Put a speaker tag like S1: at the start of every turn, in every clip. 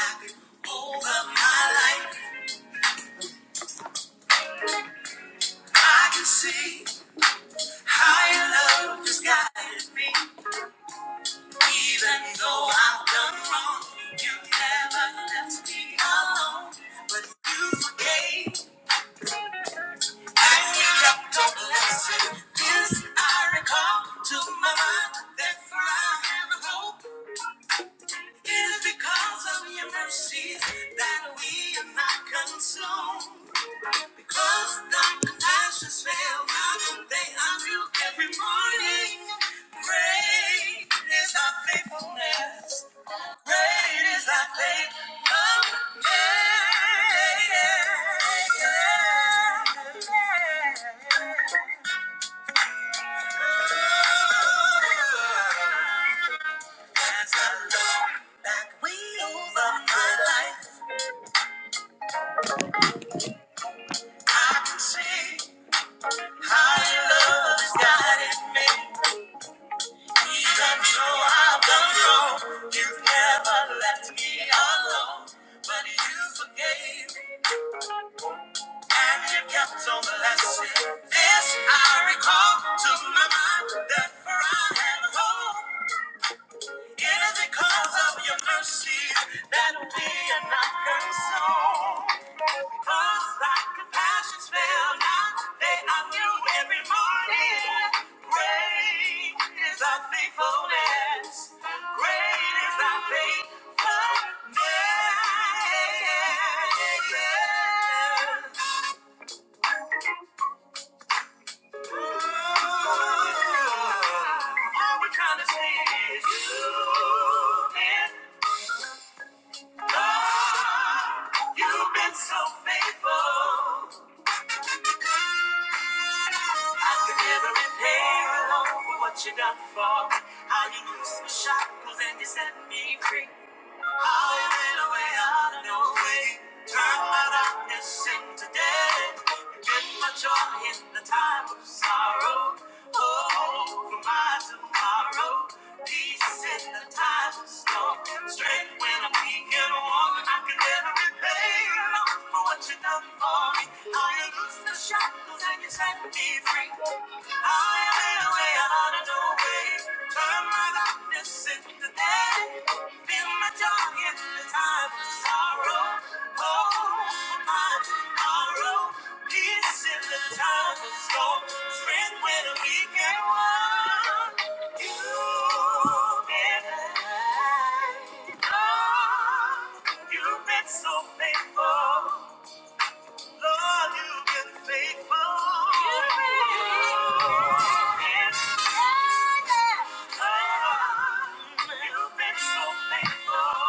S1: over my life. I can see how Your love has guided me. Even though I've done wrong, you never left me alone. But you forgave and you kept on blessing. This I recall to my mind. Therefore I have a hope. It is because of your mercies that we are not consumed. Close dark and ashes fell. They are new every morning. Great is our faithfulness. Great is our faithfulness. As I look back over my life, I can see how your love has guided me. Even though I've done wrong, you have never left me alone. But you forgave me and you kept on blessing. This I recall to my mind, therefore I have hope. It is because of your mercy that we are not consumed. Cause like the passions fell now, they are new every morning. Great is our faithfulness. Great is our faithfulness. All we trying to say is you've been love. You've been so faithful. I could never repay you alone for what you done for me. How you loosed my shackles and you set me free. Highway to way out of no Turn my darkness into day. get my joy in the time of sorrow. Oh, for my tomorrow. Peace in the time of storm. Strength when I'm weak and worn. I can never repay you for what you done for me. How you loose the shackles and you set me free. I am You've been so faithful. Lord, you've been faithful. You've been faithful. You've been so faithful.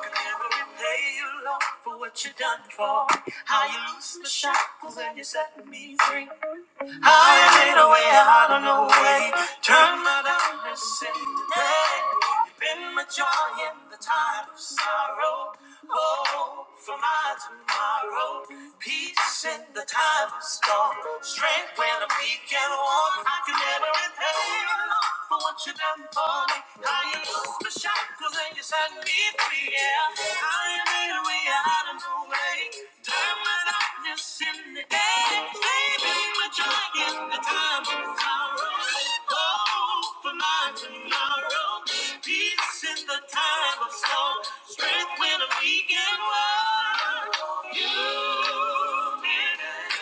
S1: Could never repay you, for what you done for. How you loose my shackles and you set me free. I made a way out of no way. Turn my darkness into day. You've been my joy in the time of sorrow. Hope for my tomorrow. Peace in the time of storm. Strength when I'm weak and worn. I can never repay you for what you've done for me. How you Close my chakras and you set me free. Yeah, I am in out of the way. Turn my darkness in the day. Baby, my joy in the time of sorrow. Hope for my tomorrow. Peace in the time of storm. Strength when I'm weak and worn. You did it.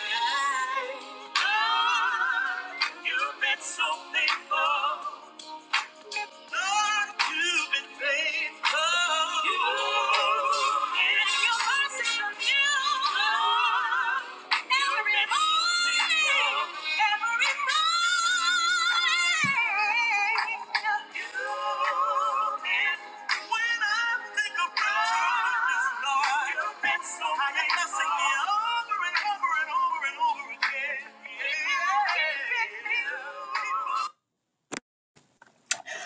S1: Oh, you've been so faithful. Over and over and over again. Yeah.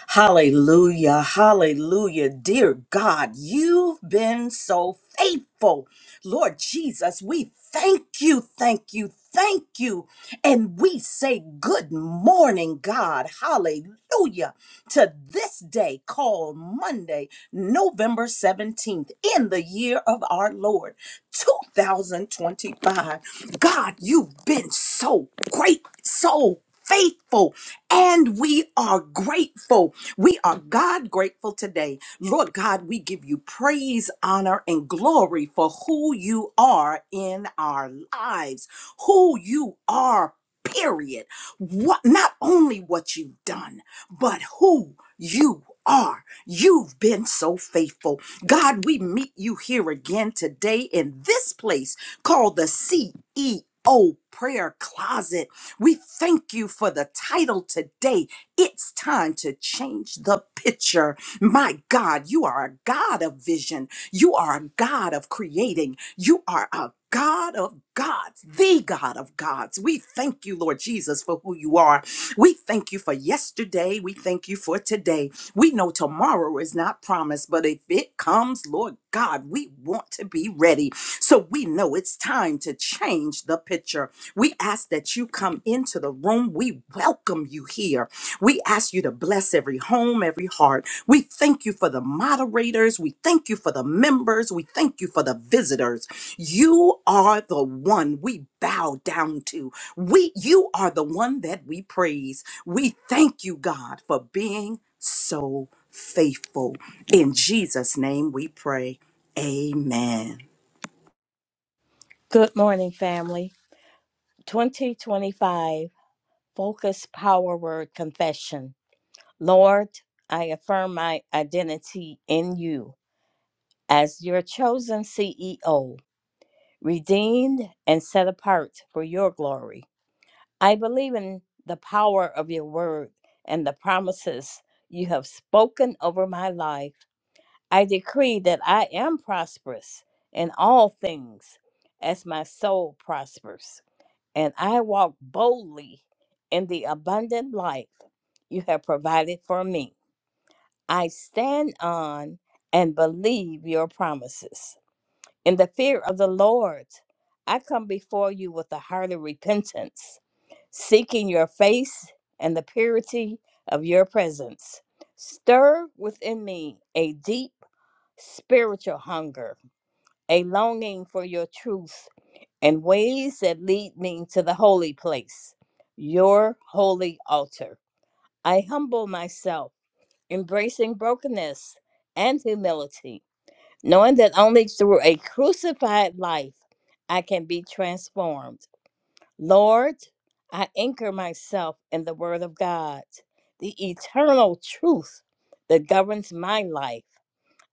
S1: Hallelujah. Hallelujah. Dear God, you've been so faithful. Lord Jesus, we thank you, thank you, thank you. And we say good morning, God. Hallelujah. To this day called Monday, November 17th, in the year of our Lord, 2025. God, you've been so great, so faithful, and we are grateful. We are God grateful today. Lord God, we give you praise, honor, and glory for who you are in our lives, who you are, period. What not only what you've done, but who you are. You've been so faithful. God, we meet you here again today in this place called the CEO prayer closet. We thank you for the title today it's time to change the picture. My God, you are a God of vision. You are a God of creating. You are a God of gods, the God of gods. We thank you, Lord Jesus, for who you are. We thank you for yesterday. We thank you for today. We know tomorrow is not promised, but if it comes, Lord God, we want to be ready. So we know it's time to change the picture. We ask that you come into the room. We welcome you here. We ask you to bless every home, every heart. We thank you for the moderators. We thank you for the members. We thank you for the visitors. You are the one we bow down to. We you are the one that we praise. We thank you, God, for being so faithful. In Jesus' name we pray. Amen.
S2: Good morning, family. 2025 Focus Power Word Confession. Lord, I affirm my identity in you as your chosen CEO, redeemed and set apart for your glory. I believe in the power of your word and the promises you have spoken over my life. I decree that I am prosperous in all things as my soul prospers. and I walk boldly in the abundant life you have provided for me. I stand on and believe your promises. In the fear of the Lord, I come before you with a heart of repentance, seeking your face and the purity of your presence. Stir within me a deep spiritual hunger, a longing for your truth and ways that lead me to the holy place, your holy altar. I humble myself, embracing brokenness and humility, knowing that only through a crucified life I can be transformed. Lord, I anchor myself in the Word of God, the eternal truth that governs my life.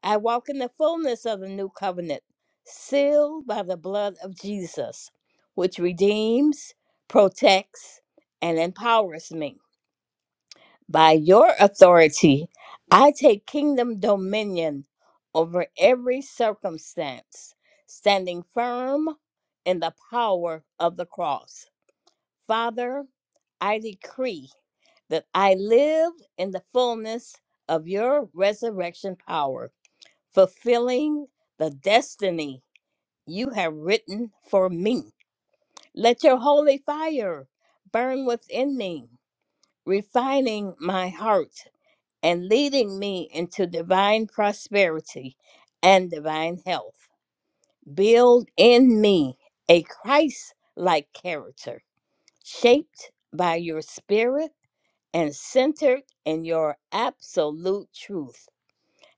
S2: I walk in the fullness of the new covenant, sealed by the blood of Jesus, which redeems, protects, and empowers me. By your authority, I take kingdom dominion over every circumstance, standing firm in the power of the cross. Father, I decree that I live in the fullness of your resurrection power fulfilling the destiny you have written for me. Let your holy fire burn within me, refining my heart and leading me into divine prosperity and divine health. Build in me a Christ like character, shaped by your spirit and centered in your absolute truth.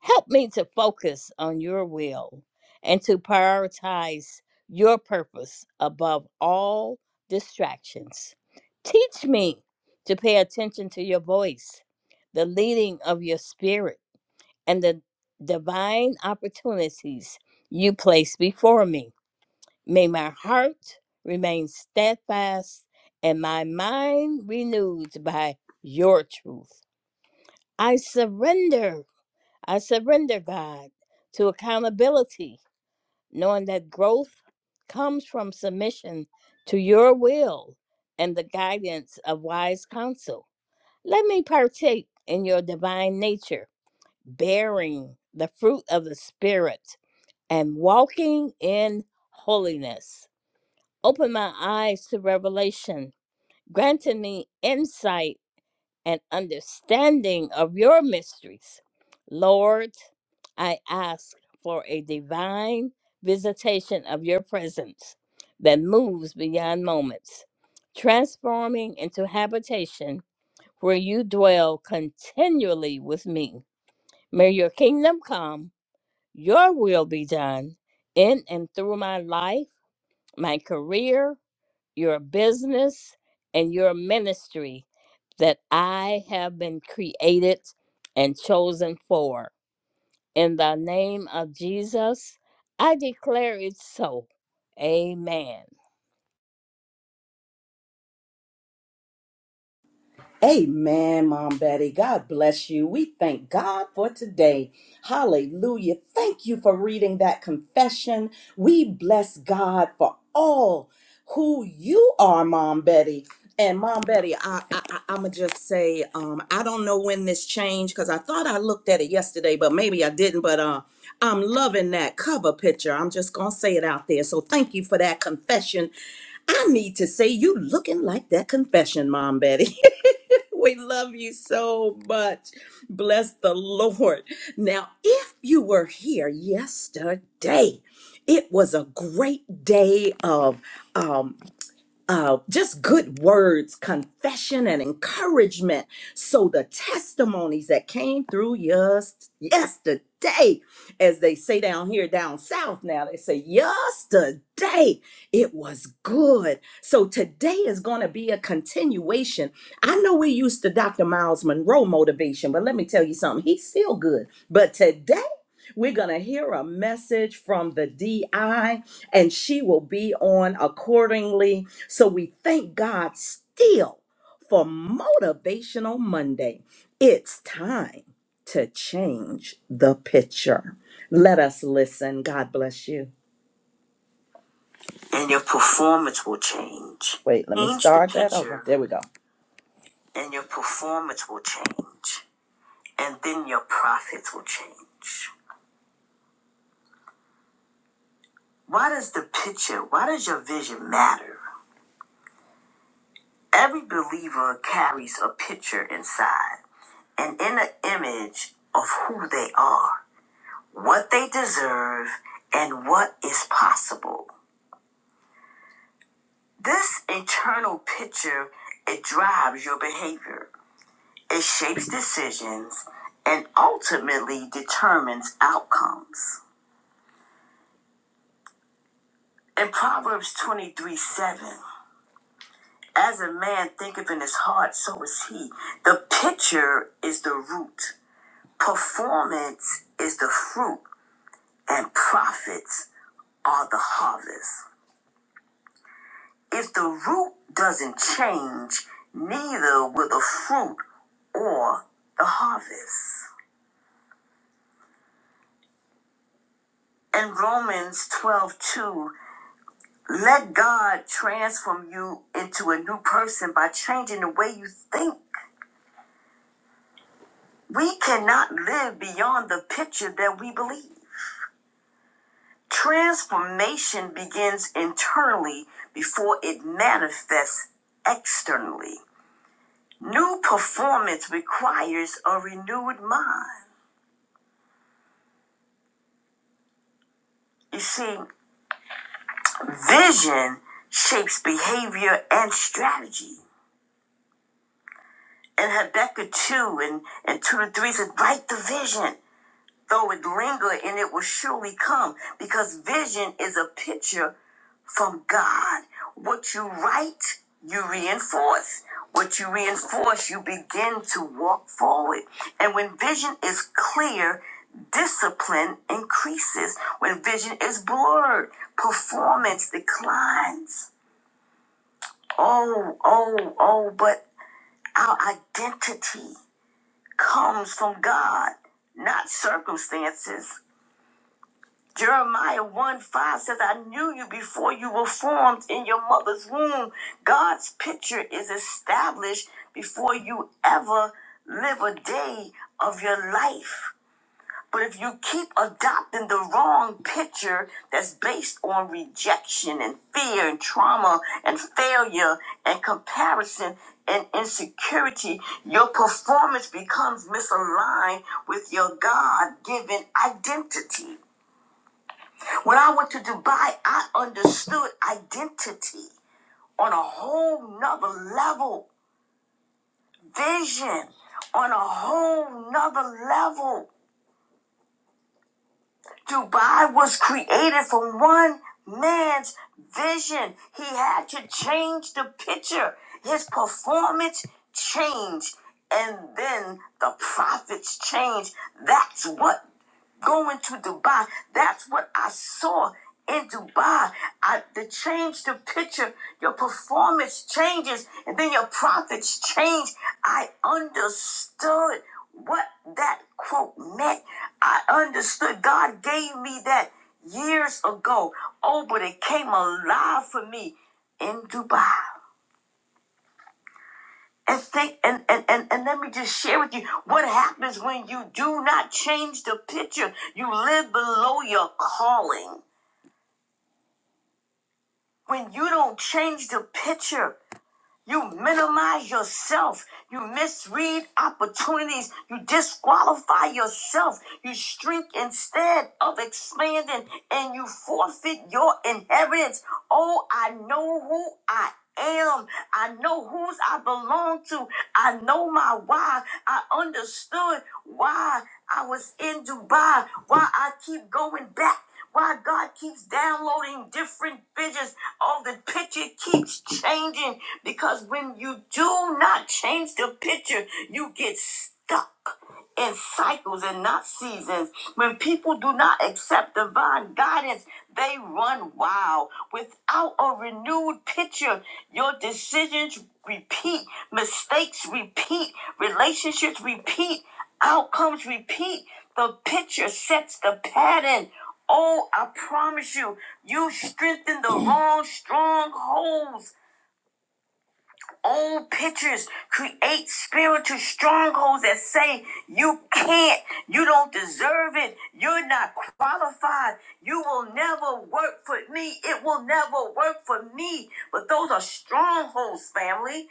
S2: Help me to focus on your will and to prioritize your purpose above all distractions. Teach me to pay attention to your voice, the leading of your spirit, and the divine opportunities you place before me. May my heart remain steadfast and my mind renewed by your truth. I surrender I surrender, God, to accountability, knowing that growth comes from submission to your will and the guidance of wise counsel. Let me partake in your divine nature, bearing the fruit of the Spirit and walking in holiness. Open my eyes to revelation, granting me insight and understanding of your mysteries. Lord, I ask for a divine visitation of your presence that moves beyond moments, transforming into habitation where you dwell continually with me. May your kingdom come, your will be done in and through my life, my career, your business and your ministry that I have been created and chosen for. In the name of Jesus, I declare it so. Amen.
S1: Amen, Mom Betty. God bless you. We thank God for today. Hallelujah. Thank you for reading that confession. We bless God for all who you are, Mom Betty. And Mom Betty, I, I, I, am going to just say, um, I don't know when this changed because I thought I looked at it yesterday, but maybe I didn't. But uh, I'm loving that cover picture. I'm just going to say it out there. So thank you for that confession I need to say you looking like that confession, Mom Betty. We love you so much. Bless the Lord. Now, if you were here yesterday, it was a great day of um, uh, just good words, confession, and encouragement. So the testimonies that came through just yesterday, as they say down here, down south now, they say yesterday it was good. So today is going to be a continuation. I know we used to Dr. Miles Monroe motivation, but let me tell you something, he's still good. But today we're going to hear a message from the DI, and she will be on accordingly. So we thank God still for Motivational Monday. It's time to change the picture. Let us listen. God bless you. And your performance will change. Wait, let me Change the start the that picture. over. There we go. And your performance will change. And then your profits will change. Why does the picture, why does your vision matter? Every believer carries a picture inside, an inner image of who they are, what they deserve, and what is possible. This internal picture, it drives your behavior. It shapes decisions and ultimately determines outcomes. In Proverbs 23 7, as a man thinketh in his heart, so is he. The picture is the root, performance is the fruit, and profits are the harvest. If the root doesn't change, neither will the fruit or the harvest. In Romans 12 2, let God transform you into a new person by changing the way you think. We cannot live beyond the picture that we believe. Transformation begins internally before it manifests externally. New performance requires a renewed mind. You see, vision shapes behavior and strategy. And Habakkuk 2 and, and 2 and 3 said, write the vision. though it linger and it will surely come because vision is a picture from God. What you write, you reinforce. What you reinforce, you begin to walk forward. And when vision is clear, discipline increases. When vision is blurred, performance declines. Oh, oh, oh, but our identity comes from God, not circumstances. Jeremiah 1 5 says, I knew you before you were formed in your mother's womb. God's picture is established before you ever live a day of your life. But if you keep adopting the wrong picture that's based on rejection and fear and trauma and failure and comparison and insecurity, your performance becomes misaligned with your God given identity. When I went to Dubai, I understood identity on a whole nother level, vision on a whole nother level. Dubai was created for one man's vision. He had to change the picture. His performance changed, and then the profits changed. That's what going to Dubai. That's what I saw in Dubai. I, the change the picture, your performance changes, and then your profits change. I understood what that quote meant. I understood God gave me that years ago. Oh, but it came alive for me in Dubai. And think and, and, and, and let me just share with you what happens when you do not change the picture. You live below your calling. When you don't change the picture, you minimize yourself. You misread opportunities. You disqualify yourself. You shrink instead of expanding and you forfeit your inheritance. Oh, I know who I am. I know whose I belong to. I know my why. I understood why I was in Dubai, why I keep going back. Why God keeps downloading different pictures. Oh, the picture keeps changing because when you do not change the picture, you get stuck in cycles and not seasons. When people do not accept divine guidance, they run wild. Without a renewed picture, your decisions repeat, mistakes repeat, relationships repeat, outcomes repeat. The picture sets the pattern. Oh, I promise you, you strengthen the wrong strongholds. Old pictures create spiritual strongholds that say you can't, you don't deserve it, you're not qualified, you will never work for me, it will never work for me. But those are strongholds, family.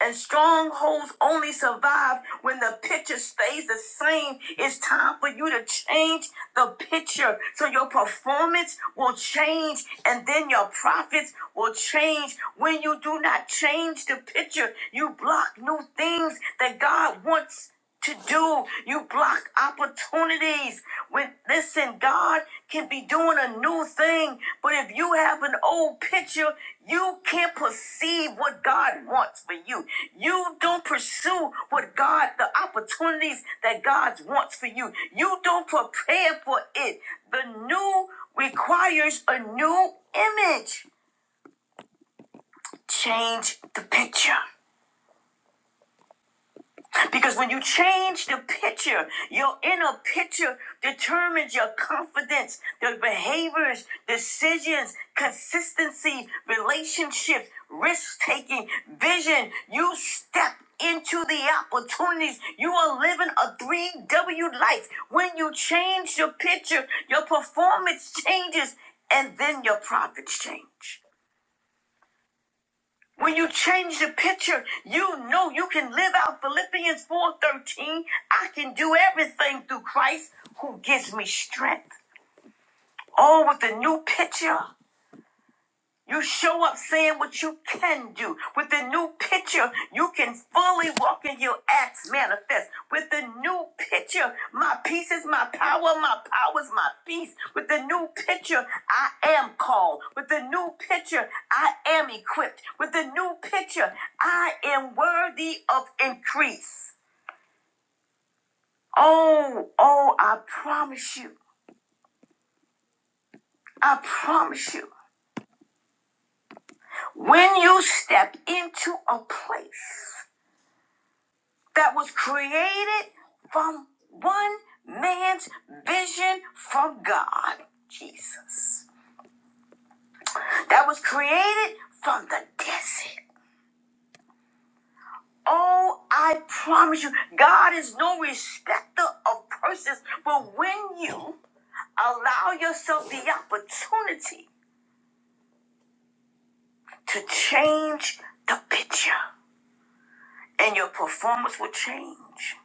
S1: And strongholds only survive when the picture stays the same. It's time for you to change the picture so your performance will change and then your profits will change. When you do not change the picture, you block new things that God wants to do. You block opportunities. When listen, God can be doing a new thing, but if you have an old picture, you can't perceive what God wants for you. You don't pursue what God, the opportunities that God wants for you. You don't prepare for it. The new requires a new image. Change the picture. Because when you change the picture, your inner picture determines your confidence, the behaviors, decisions, consistency, relationships, risk taking, vision. You step into the opportunities. You are living a 3W life. When you change your picture, your performance changes and then your profits change. When you change the picture, you know you can live out Philippians 4:13. I can do everything through Christ who gives me strength. Oh, with the new picture. You show up saying what you can do. With the new picture, you can fully walk in your acts manifest. With the new picture, my peace is my power, my power is my peace. With the new picture, I am called. With the new picture, I am equipped. With the new picture, I am worthy of increase. Oh, oh, I promise you, I promise you, when you step into a place, that was created from one man's vision from God, Jesus, that was created from the desert. Oh, I promise you, God is no respecter of persons, but when you allow yourself the opportunity to change the picture, and your performance will change,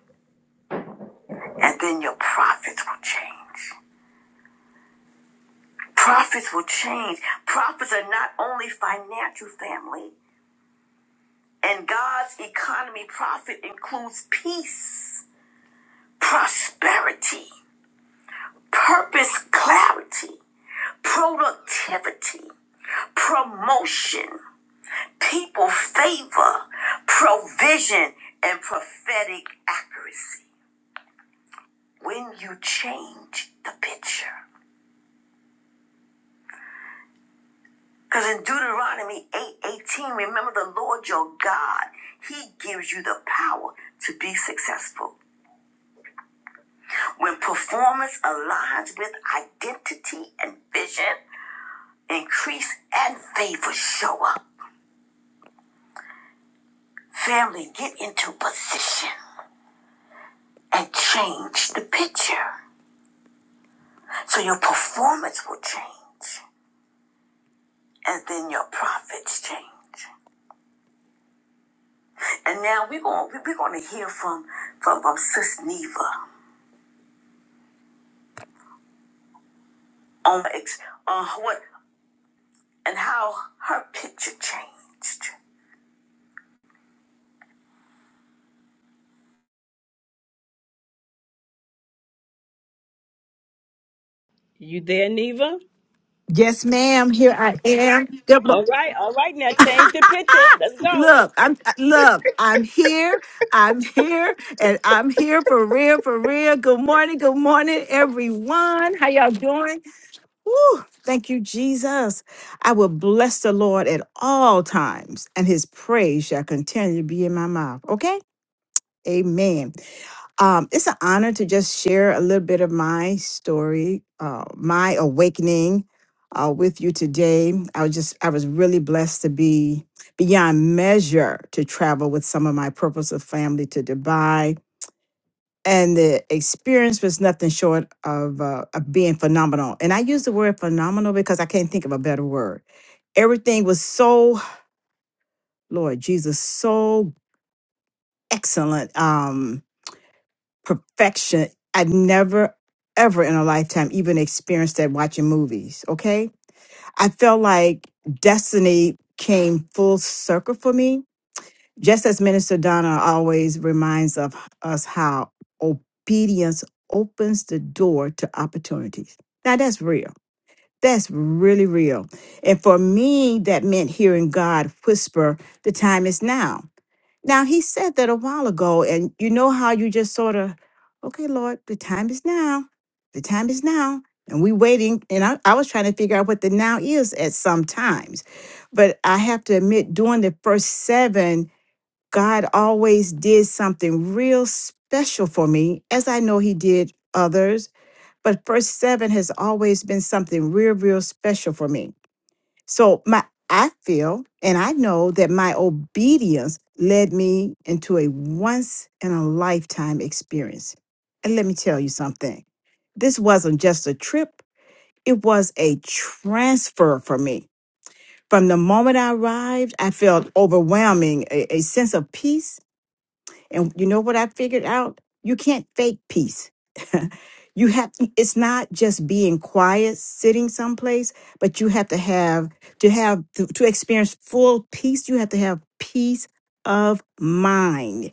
S1: and then your profits will change. Prophets will change. Prophets are not only financial family. and God's economy, profit includes peace, prosperity, purpose, clarity, productivity, promotion, people favor, provision, and prophetic accuracy. When you change the picture. Because in Deuteronomy 8 18, remember the Lord your God, He gives you the power to be successful. When performance aligns with identity and vision, increase and favor show up. Family, get into position and change the picture. So your performance will change, and then your profits change. And now we're going we're going to hear from from, from Sis Neva on on what and how her picture changed.
S3: You there, Neva?
S4: Yes, ma'am. Here I am. Good mo-
S3: All right, all right. Now change the picture. Let's go.
S4: look, I'm I- look. I'm here. I'm here, and I'm here for real, for real. Good morning. Good morning, everyone. How y'all doing? Woo, thank you, Jesus. I will bless the Lord at all times, and His praise shall continue to be in my mouth. Okay. Amen. Um, it's an honor to just share a little bit of my story, uh, my awakening uh, with you today. I was just, I was really blessed to be beyond measure to travel with some of my purpose of family to Dubai. And the experience was nothing short of, uh, of being phenomenal. And I use the word phenomenal because I can't think of a better word. Everything was so, Lord Jesus, so excellent. Um, perfection. I never, ever in a lifetime even experienced that watching movies. Okay. I felt like destiny came full circle for me, just as Minister Donna always reminds of us how obedience opens the door to opportunities. Now, that's real. That's really real. And for me, that meant hearing God whisper, the time is now. Now he said that a while ago, and you know how you just sort of, okay, Lord, the time is now. The time is now. And we waiting. And I, I was trying to figure out what the now is at some times. But I have to admit, during the first seven, God always did something real special for me, as I know he did others. But first seven has always been something real, real special for me. So my I feel and I know that my obedience led me into a once in a lifetime experience. And let me tell you something. This wasn't just a trip, it was a transfer for me. From the moment I arrived, I felt overwhelming, a, a sense of peace and you know what I figured out? You can't fake peace. you have it's not just being quiet sitting someplace, but you have to have to have to, to experience full peace, you have to have peace of mind.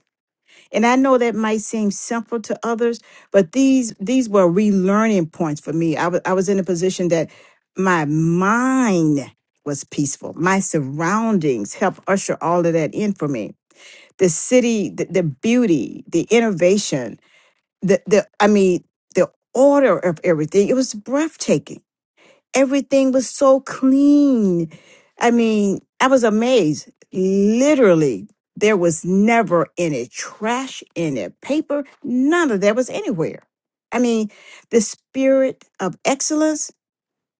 S4: And I know that might seem simple to others, but these these were relearning points for me. I was I was in a position that my mind was peaceful. My surroundings helped usher all of that in for me the city, the, the beauty, the innovation, the the I mean, the order of everything. It was breathtaking. Everything was so clean. I mean, I was amazed. Literally, there was never any trash in it, paper, none of that was anywhere. I mean, the spirit of excellence,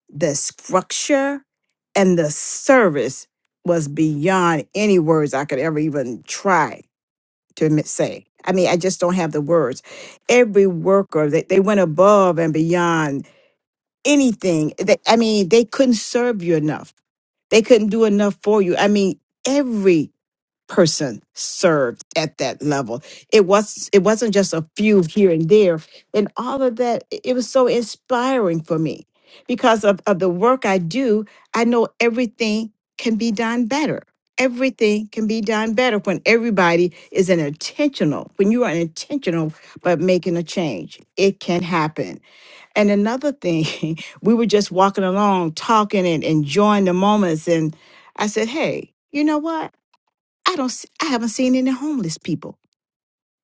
S4: the structure, and the service was beyond any words I could ever even try to mi- say. I mean, I just don't have the words. Every worker, they, they went above and beyond anything. They, I mean, they couldn't serve you enough. They couldn't do enough for you. I mean, every person served at that level. It was it wasn't just a few here and there. And all of that, it was so inspiring for me. Because of, of the work I do, I know everything can be done better. Everything can be done better when everybody is an intentional, when you are intentional but making a change. It can happen. And another thing, we were just walking along, talking and enjoying the moments. And I said, Hey, you know what? I don't. s- I haven't seen any homeless people.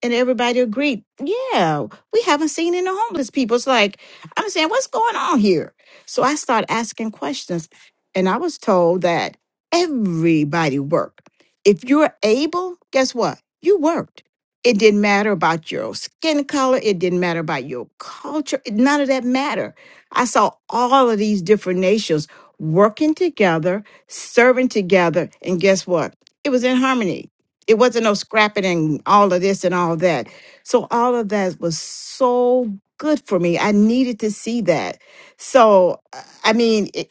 S4: And everybody agreed, yeah, we haven't seen any homeless people. It's like I'm saying, what's going on here? So I started asking questions, and I was told that everybody worked. If you're able, guess what? You worked. It didn't matter about your skin color. It didn't matter about your culture. it- None of that mattered. I saw all of these different nations working together, serving together, and guess what? It was in harmony. It wasn't no scrapping and all of this and all that. So all of that was so good for me. I needed to see that. So uh, I mean, it,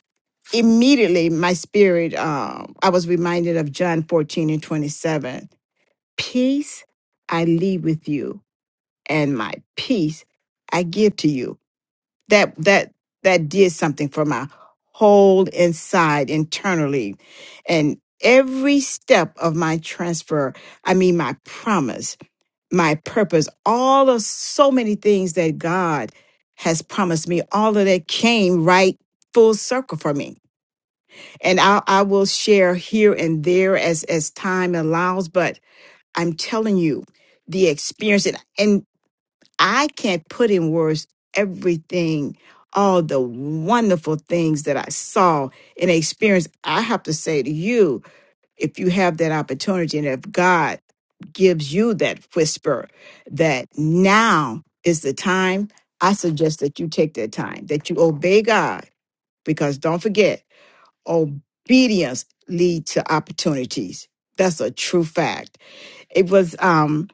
S4: immediately my spirit, um, I was reminded of John 14 and 27. Peace I leave with you, and my peace I give to you that that that did something for my whole inside internally and every step of my transfer i mean my promise my purpose all of so many things that god has promised me all of that came right full circle for me and i, I will share here and there as as time allows but i'm telling you the experience and, I can't put in words everything, all the wonderful things that I saw and experienced. I have to say to you, if you have that opportunity and if God gives you that whisper that now is the time, I suggest that you take that time, that you obey God, because don't forget, obedience leads to opportunities. That's a true fact. It was um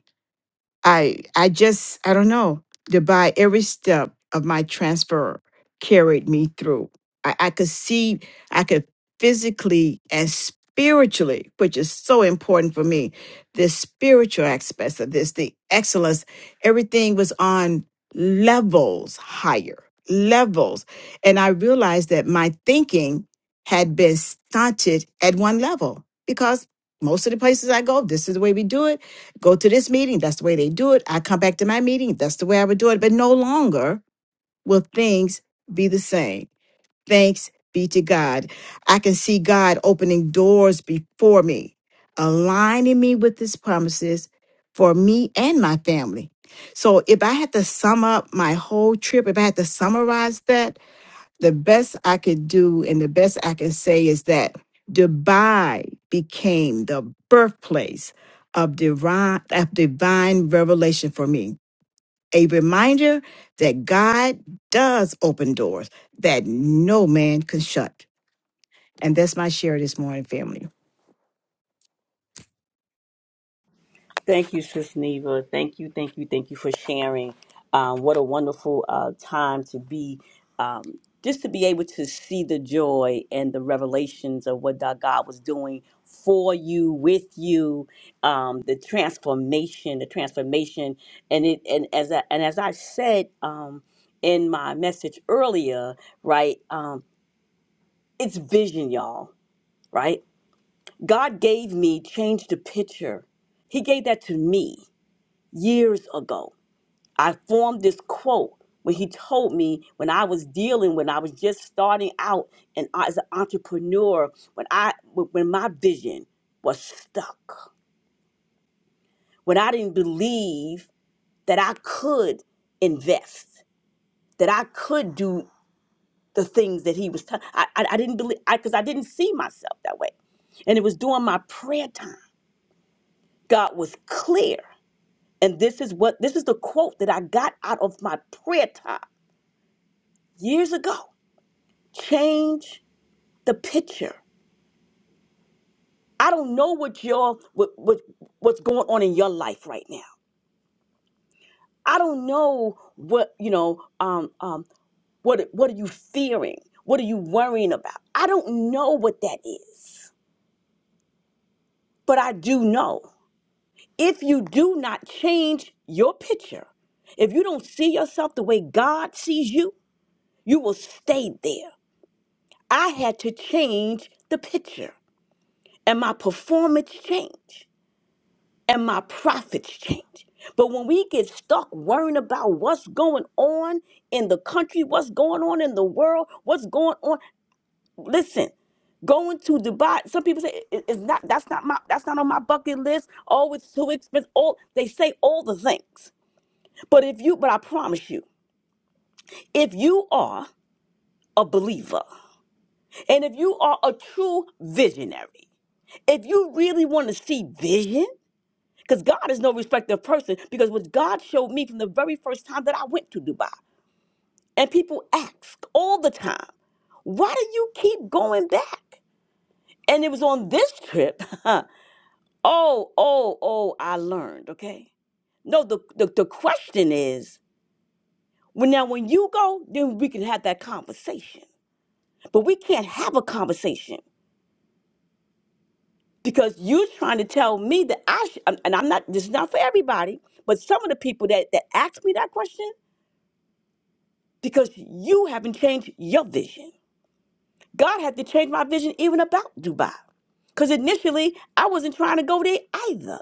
S4: I I just I don't know. Dubai, every step of my transfer carried me through. I, I could see, I could physically and spiritually, which is so important for me, the spiritual aspects of this, the excellence, everything was on levels higher, levels. And I realized that my thinking had been stunted at one level because most of the places I go, this is the way we do it go to this meeting. That's the way they do it. I come back to my meeting. That's the way I would do it. But no longer will things be the same. Thanks be to God. I can see God opening doors before me, aligning me with his promises for me and my family. So if I had to sum up my whole trip, if I had to summarize that, the best I could do and the best I can say is that Dubai became the birthplace of divine, of divine revelation for me. A reminder that God does open doors that no man can shut. And that's my share this morning, family.
S3: Thank you, Sis Neva. Thank you, thank you, thank you for sharing. Um, what a wonderful uh, time to be, um, just to be able to see the joy and the revelations of what thy God was doing for you, with you, um, the transformation, the transformation, and it, and as I, and as I said um, in my message earlier, right? Um, it's vision, y'all. Right? God gave me, changed the picture. He gave that to me years ago. I formed this quote when he told me when I was dealing, when I was just starting out and as an entrepreneur, when I when my vision was stuck, when I didn't believe that I could invest, that I could do the things that he was telling. I, I I didn't believe I because I didn't see myself that way. And it was during my prayer time. God was clear. And this is what this is the quote that I got out of my prayer time years ago. Change the picture. I don't know what your what, what what's going on in your life right now. I don't know what you know. Um, um, what what are you fearing? What are you worrying about? I don't know what that is, but I do know if you do not change your picture, if you don't see yourself the way God sees you, you will stay there. I had to change the picture and my performance changed and my profits changed. But when we get stuck worrying about what's going on in the country, what's going on in the world, what's going on, listen, going to Dubai, some people say "It- it's not that's not my that's not on my bucket list. Oh, it's too expensive. All they say all the things. But if you but I promise you, if you are a believer and if you are a true visionary, if you really want to see vision, because God is no respecter of person, because what God showed me from the very first time that I went to Dubai, and people ask all the time, why do you keep going back? And it was on this trip. oh, oh, oh, I learned, okay? No, the, the, the question is, when now when you go, then we can have that conversation. But we can't have a conversation because you're trying to tell me that I sh- and and I'm not. This is not for everybody, but some of the people that that ask me that question because you haven't changed your vision. God had to change my vision even about Dubai, because initially I wasn't trying to go there either.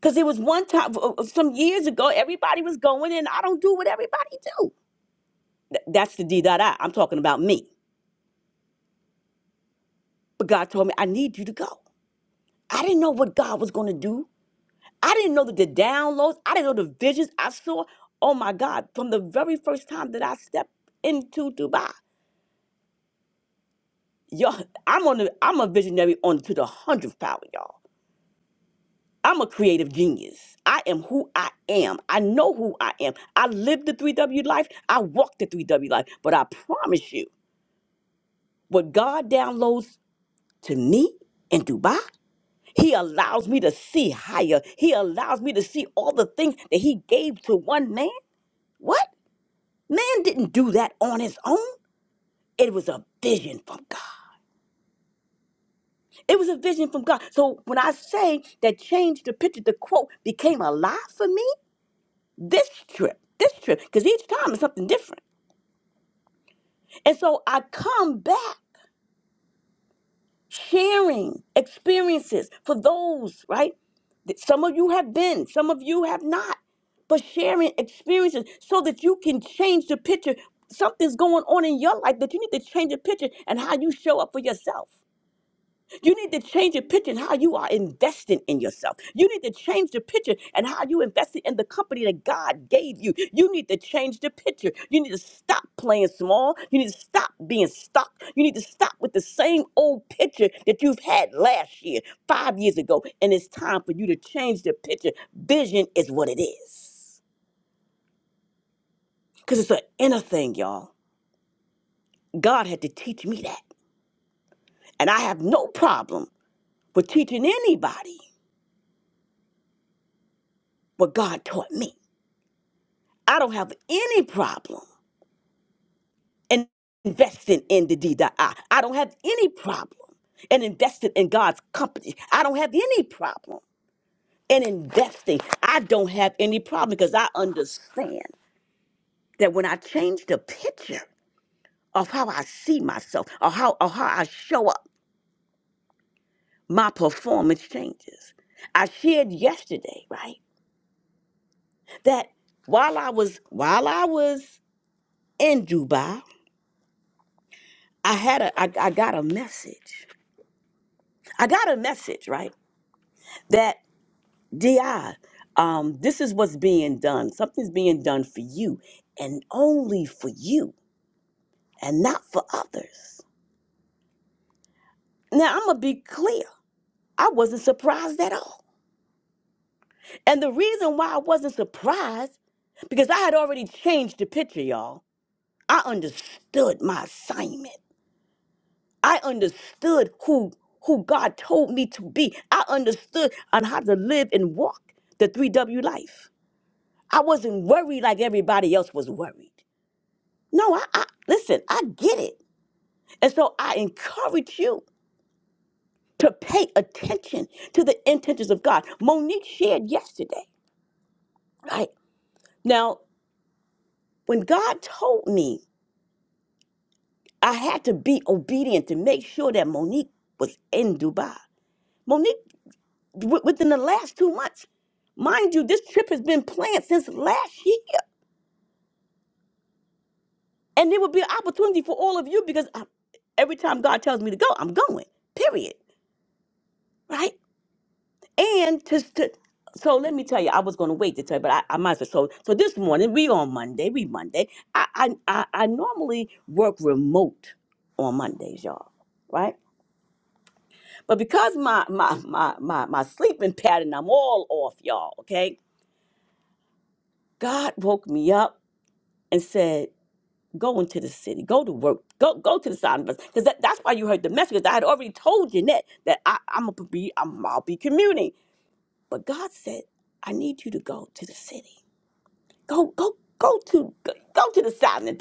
S3: Because it was one time uh, uh, some years ago, everybody was going, and I don't do what everybody do. Th- that's the D dot I. I'm talking about me. But God told me I need you to go. I didn't know what God was going to do. I didn't know that the downloads, I didn't know the visions I saw. Oh my God, from the very first time that I stepped into Dubai. Y'all, I'm on the, I'm a visionary on to the hundredth power, y'all. I'm a creative genius. I am who I am. I know who I am. I live the 3W life. I walk the 3W life. But I promise you, what God downloads to me in Dubai, He allows me to see higher. He allows me to see all the things that He gave to one man. What? Man didn't do that on his own. It was a vision from God. It was a vision from God. So when I say that changed the picture, the quote became alive for me this trip, this trip, because each time is something different. And so I come back sharing experiences for those, right? that Some of you have been, some of you have not, but sharing experiences so that you can change the picture. Something's going on in your life that you need to change the picture and how you show up for yourself. You need to change your picture and how you are investing in yourself. You need to change the picture and how you invested in the company that God gave you. You need to change the picture. You need to stop playing small. You need to stop being stuck. You need to stop with the same old picture that you've had last year, five years ago. And it's time for you to change the picture. Vision is what it is. Because it's an inner thing, y'all. God had to teach me that. And I have no problem with teaching anybody what God taught me. I don't have any problem in investing in the D.I. I I don't have any problem in investing in God's company. I don't have any problem in investing. I don't have any problem because I understand that when I change the picture of how I see myself or how, or how I show up, my performance changes. I shared yesterday, right, that while I was while I was in Dubai, I had a I, I got a message I got a message, right? That DI, um, this is what's being done. Something's being done for you and only for you and not for others. Now, I'm going to be clear. I wasn't surprised at all. And the reason why I wasn't surprised, because I had already changed the picture, y'all. I understood my assignment. I understood who who God told me to be. I understood on how to live and walk the 3W life. I wasn't worried like everybody else was worried. No, I, I listen, I get it. And so I encourage you to pay attention to the intentions of God. Monique shared yesterday, right? Now, when God told me I had to be obedient to make sure that Monique was in Dubai, Monique, w- within the last two months, mind you, this trip has been planned since last year. And there will be an opportunity for all of you because I, every time God tells me to go, I'm going, period. right? And to, to so let me tell you, I was going to wait to tell you, but I, I might as well. So so this morning we on Monday, we Monday. I I I, I normally work remote on Mondays, y'all, right? But because my my my my my sleeping pattern, I'm all off, y'all. Okay, God woke me up and said. Go into the city. Go to work. Go go to the side of us because that, that's why you heard the message. 'cause I had already told Jeanette that I, I'm gonna be I'm, I'll be commuting. But God said, I need you to go to the city. Go, go, go to go, go to the side and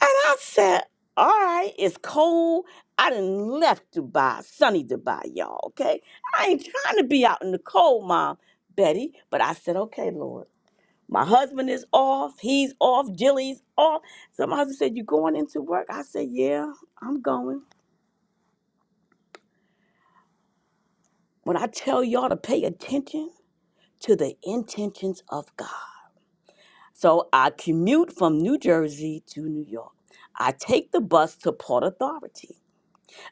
S3: And I said, all right, it's cold. I done left Dubai, sunny Dubai, y'all, okay? I ain't trying to be out in the cold, Mom, Betty. But I said, okay, Lord. My husband is off. He's off. Jilly's off. So my husband said, you going into work? I said, yeah, I'm going. When I tell y'all to pay attention to the intentions of God. So I commute from New Jersey to New York. I take the bus to Port Authority.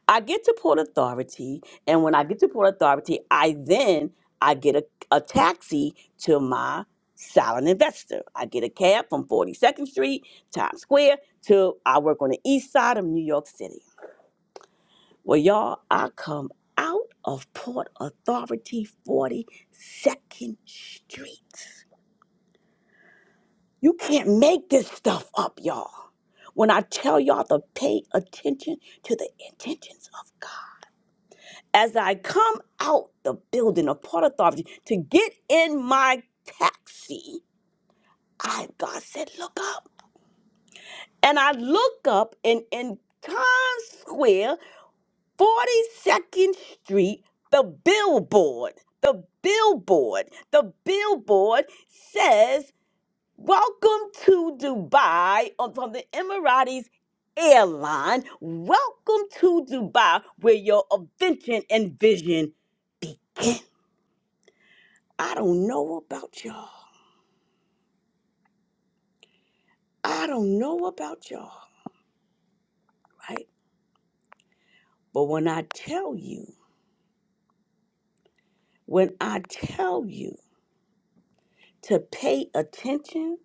S3: I get to Port Authority, and when I get to Port Authority, I then I get a, a taxi to my silent investor. I get a cab from 42nd Street, Times Square, to I work on the east side of New York City. Well, y'all, I come out of Port Authority 42nd Street. You can't make this stuff up, y'all. When I tell y'all to pay attention to the intentions of God. As I come out the building of Port Authority to get in my taxi, I God said, look up. And I look up and in Times Square, 42nd Street, the billboard, the billboard, the billboard says Welcome to Dubai on- from the Emirates airline. Welcome to Dubai where your invention and vision begin. I don't know about y'all. I don't know about y'all, right? But when I tell you, when I tell you to pay attention,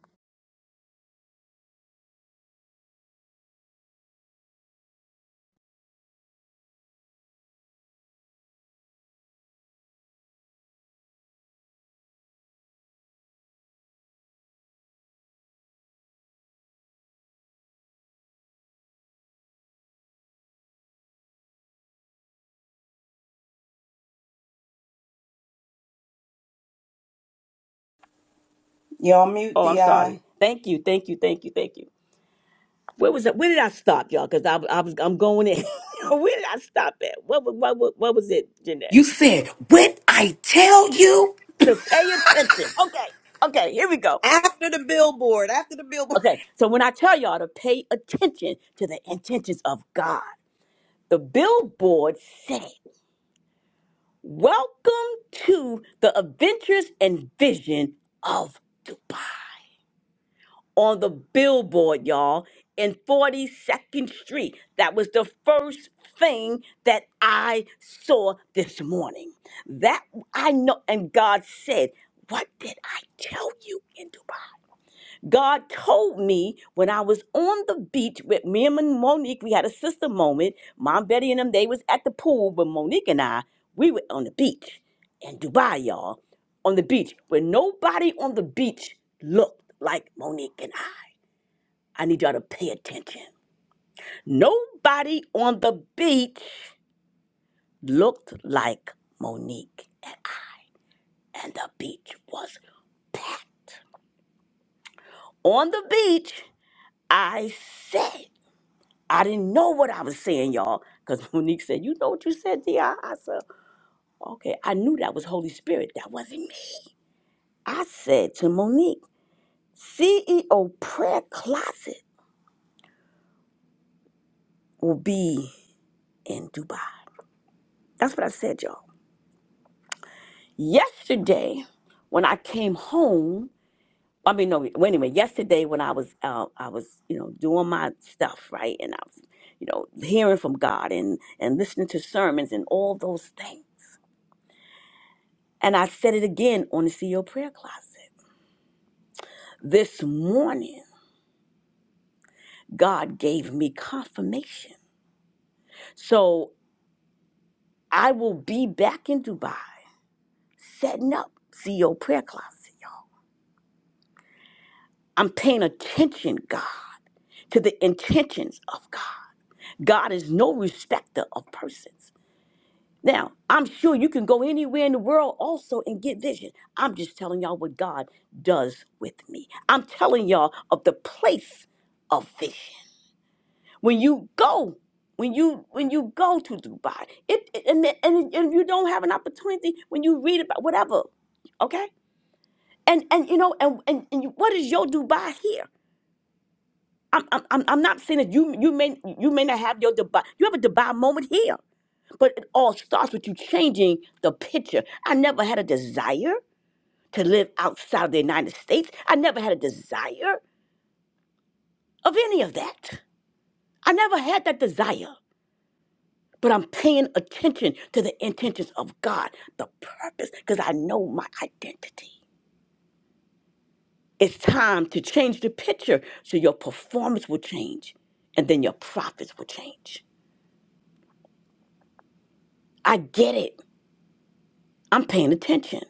S1: Y'all mute
S3: oh, I'm
S1: the
S3: sorry.
S1: eye.
S3: Thank you, thank you, thank you, thank you. Where was it? Where did I stop, y'all? Because I, I was I'm going in. where did I stop at? What, wa- what, wa- what was it, Jeanette?
S5: You said, when I tell you,
S3: to pay attention. Okay, okay, here we go.
S1: After the billboard, after the billboard.
S3: Okay, so when I tell y'all to pay attention to the intentions of God, the billboard said, Welcome to the adventures and vision of Dubai. On the billboard, y'all, in 42nd Street. That was the first thing that I saw this morning. That I know, and God said, What did I tell you in Dubai? God told me when I was on the beach with me and Monique, we had a sister moment. Mom, Betty, and them, they was at the pool, but Monique and I, we were on the beach in Dubai, y'all, on the beach where nobody on the beach looked like Monique and I. I need y'all to pay attention. Nobody on the beach looked like Monique and I. And the beach was packed. On the beach, I said. I didn't know what I was saying, y'all, because Monique said, You know what you said, Di? I said, Okay, I knew that was Holy Spirit. That wasn't me. I said to Monique, CEO prayer closet will be in Dubai. That's what I said, y'all. Yesterday, when I came home, I mean, no, well, anyway, yesterday when I was, uh, I was, you know, doing my stuff, right? And I was, you know, hearing from God and, and listening to sermons and all those things. And I said it again on the CEO prayer closet. This morning, God gave me confirmation. So I will be back in Dubai setting up CEO prayer closet. y'all. I'm paying attention, God, to the intentions of God. God is no respecter of persons. Now, I'm sure you can go anywhere in the world also and get vision. I'm just telling y'all what God does with me. I'm telling y'all of the place of vision. when you go when you when you go to dubai it, it- and, the- and if you don't have an opportunity when you read about whatever okay and and you know and and, and you- what is your dubai here I'm, I'm i'm I'm not saying that you you may you may not have your dubai you have a dubai moment here but it all starts with you changing the picture i never had a desire to live outside of the united states i never had a desire of any of that i never had that desire but I'm paying attention to the intentions of God, the purpose, because I know my identity. It's time to change the picture so your performance will change and then your profits will change. I get it. I'm paying attention.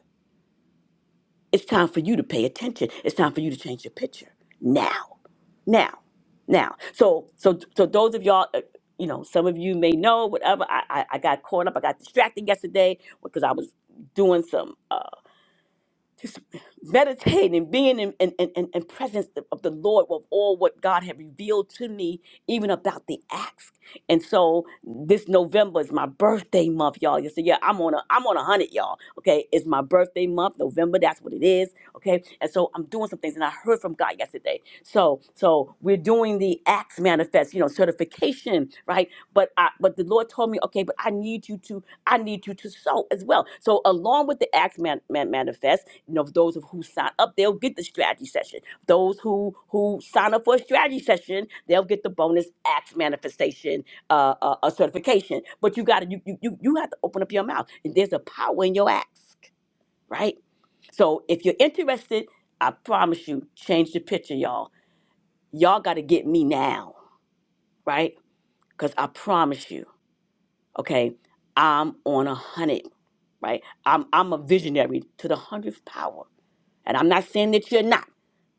S3: It's time for you to pay attention. It's time for you to change your picture now, now, now. So, so, so those of y'all, uh, you know, some of you may know whatever. I, I, I got caught up. I got distracted yesterday because I was doing some. Uh, just meditating, being in, in, in, in in presence of the Lord of all what God had revealed to me, even about the acts. And so this November is my birthday month, y'all. You say, yeah, I'm on a I'm on a hundred, y'all. Okay, it's my birthday month, November. That's what it is. Okay, and so I'm doing some things, and I heard from God yesterday. So, so we're doing the acts manifest, you know, certification, right? But I, but the Lord told me, okay, but I need you to, I need you to sow as well. So, along with the acts man, man, manifest, you know, those of who sign up, they'll get the strategy session. Those who who sign up for a strategy session, they'll get the bonus acts manifestation, uh, uh, uh certification. But you got to, you, you you you have to open up your mouth, and there's a power in your ask, right? So, if you're interested, I promise you, change the picture, y'all y'all got to get me now, right? Because I promise you, okay, I'm on a hundred, right? I'm I'm a visionary to the hundredth power and I'm not saying that you're not,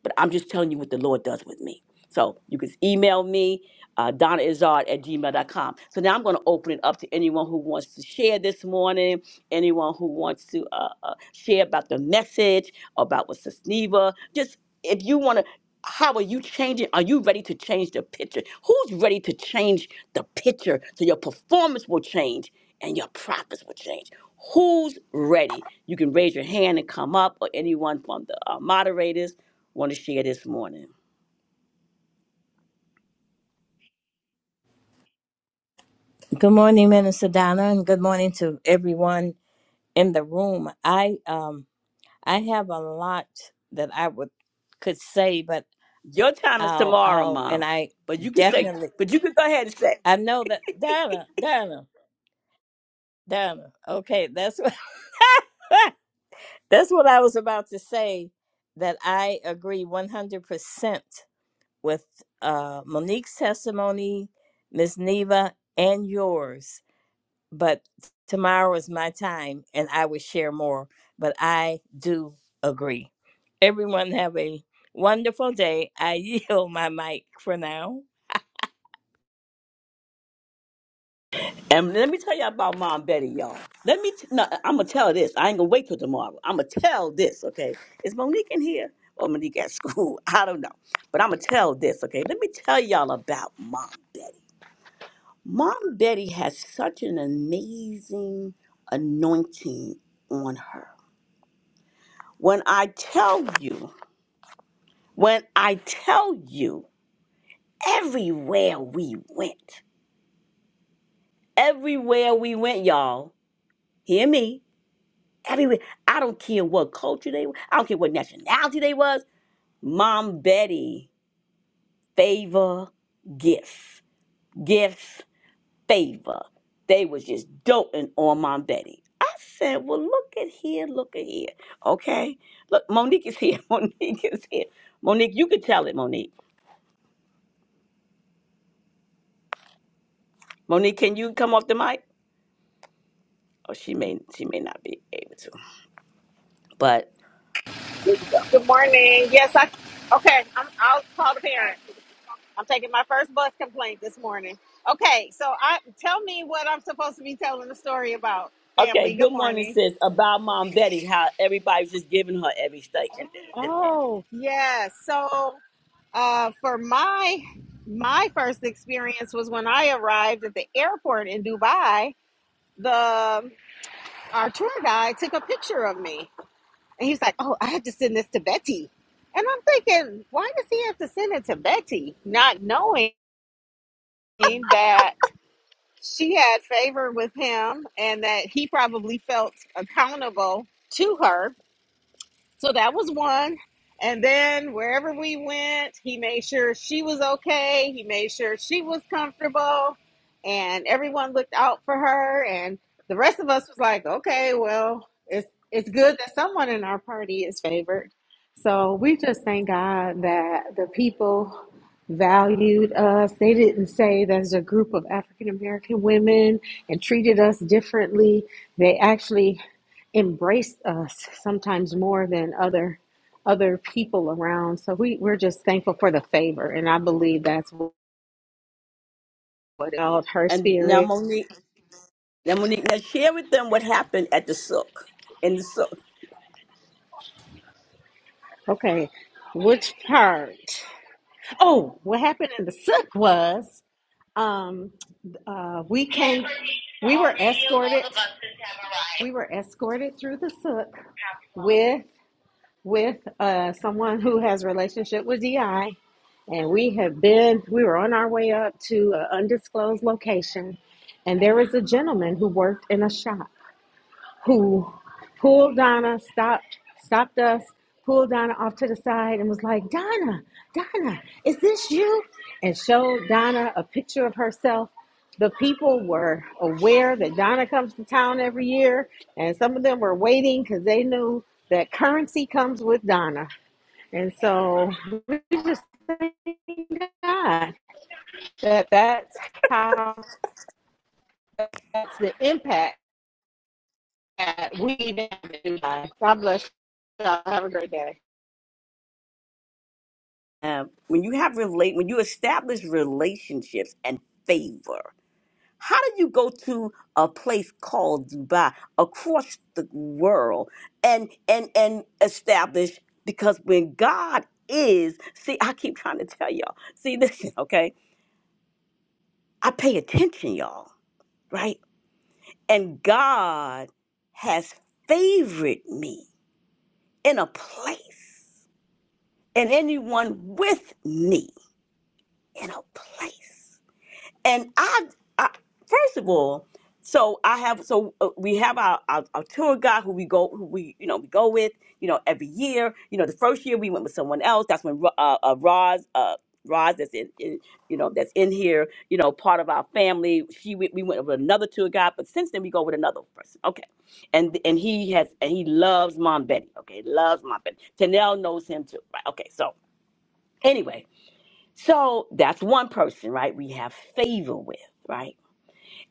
S3: but I'm just telling you what the Lord does with me. So you can email me, uh, Donna Izard at gmail.com. So now I'm going to open it up to anyone who wants to share this morning, anyone who wants to uh, uh, share about the message, about what Sis Neva. just if you want to, how are you changing? Are you ready to change the picture? Who's ready to change the picture so your performance will change and your profits will change who's ready you can raise your hand and come up or anyone from the uh, moderators want to share this morning
S2: Good morning, Minister Donna, and good morning to everyone in the room. I um I have a lot that I would could say, but
S3: your time is
S2: I'll
S3: tomorrow
S2: I'll and
S3: mom
S2: I
S3: but you can say
S2: definitely
S3: but you can go ahead and say
S2: I know that Donna, Donna, Donna. Okay, that's what That's what I was about to say. That I agree 100% with uh, Monique's testimony, Miss Neva, and yours. But tomorrow is my time and I will share more. But I do agree. Everyone have a wonderful day. I yield my mic for now.
S3: and let me tell you about mom betty y'all let me t- no i'm gonna tell this i ain't gonna wait till tomorrow i'm gonna tell this okay is monique in here or monique at school i don't know but i'm gonna tell this okay let me tell y'all about mom betty Mom Betty has such an amazing anointing on her. When I tell you, when I tell you, everywhere we went, everywhere we went, y'all, hear me. Everywhere, I don't care what culture they were, I don't care what nationality they was. Mom Betty, favor, gifts, gifts. favor. They was just doting on Mom Betty. I said, well, look at here, look at here. Okay. Look, Monique is here. Monique is here. Monique, you can tell it, Monique. Monique, can you come off the mic? Oh, she may she may not be able to. But here we go.
S6: Good morning. Yes, I. Okay, I'm. I'll call the parent. I'm taking my first bus complaint this morning. Okay, so I tell me what I'm supposed to be telling the story about.
S3: Okay,
S6: Family.
S3: good
S6: Good
S3: morning,
S6: morning.
S3: sis. About Mom Betty, how everybody's just giving her everything. And, and,
S6: Oh yes. So uh, for my my first experience was when I arrived at the airport in Dubai. The our tour guide took a picture of me, and he's like, "Oh, I have to send this to Betty." And I'm thinking, why does he have to send it to Betty? Not knowing that she had favor with him and that he probably felt accountable to her so that was one. And then wherever we went, he made sure she was okay. He made sure she was comfortable and everyone looked out for her. And the rest of us was like, okay, well, it's, it's good that someone in our party is favored. So we just thank God that the people valued us. They didn't say there's a group of African American women and treated us differently. They actually embrace us sometimes more than other other people around. So we, we're just thankful for the favor and I believe that's what held her
S3: and now
S6: spirit.
S3: Monique, now Monique, now share with them what happened at the sook. In the souk.
S6: Okay. Which part? Oh, what happened in the sook was um uh we came we were escorted we were escorted through the sook with with uh, someone who has a relationship with DI, and we have been we were on our way up to an undisclosed location, and there was a gentleman who worked in a shop who pulled Donna, stopped, stopped us, pulled Donna off to the side and was like, Donna, Donna, is this you? And showed Donna a picture of herself. The people were aware that Donna comes to town every year, and some of them were waiting because they knew that currency comes with Donna. And so we just thank God that that's how that's the impact that we never do God bless you Have a great day.
S3: Uh, when you have relate when you establish relationships and favor how do you go to a place called dubai across the world and and and establish because when god is see i keep trying to tell y'all see listen okay i pay attention y'all right and god has favored me in a place and anyone with me in a place and I, I first of all so i have so uh, we have our, our, our tour guide who we go who we you know we go with you know every year you know the first year we went with someone else that's when Ro- uh, uh roz uh roz that's in, in you know that's in here you know part of our family she went, we went with another tour guide but since then we go with another person okay and and he has and he loves mom betty okay loves mom betty tanel knows him too right okay so anyway so that's one person right we have favor with right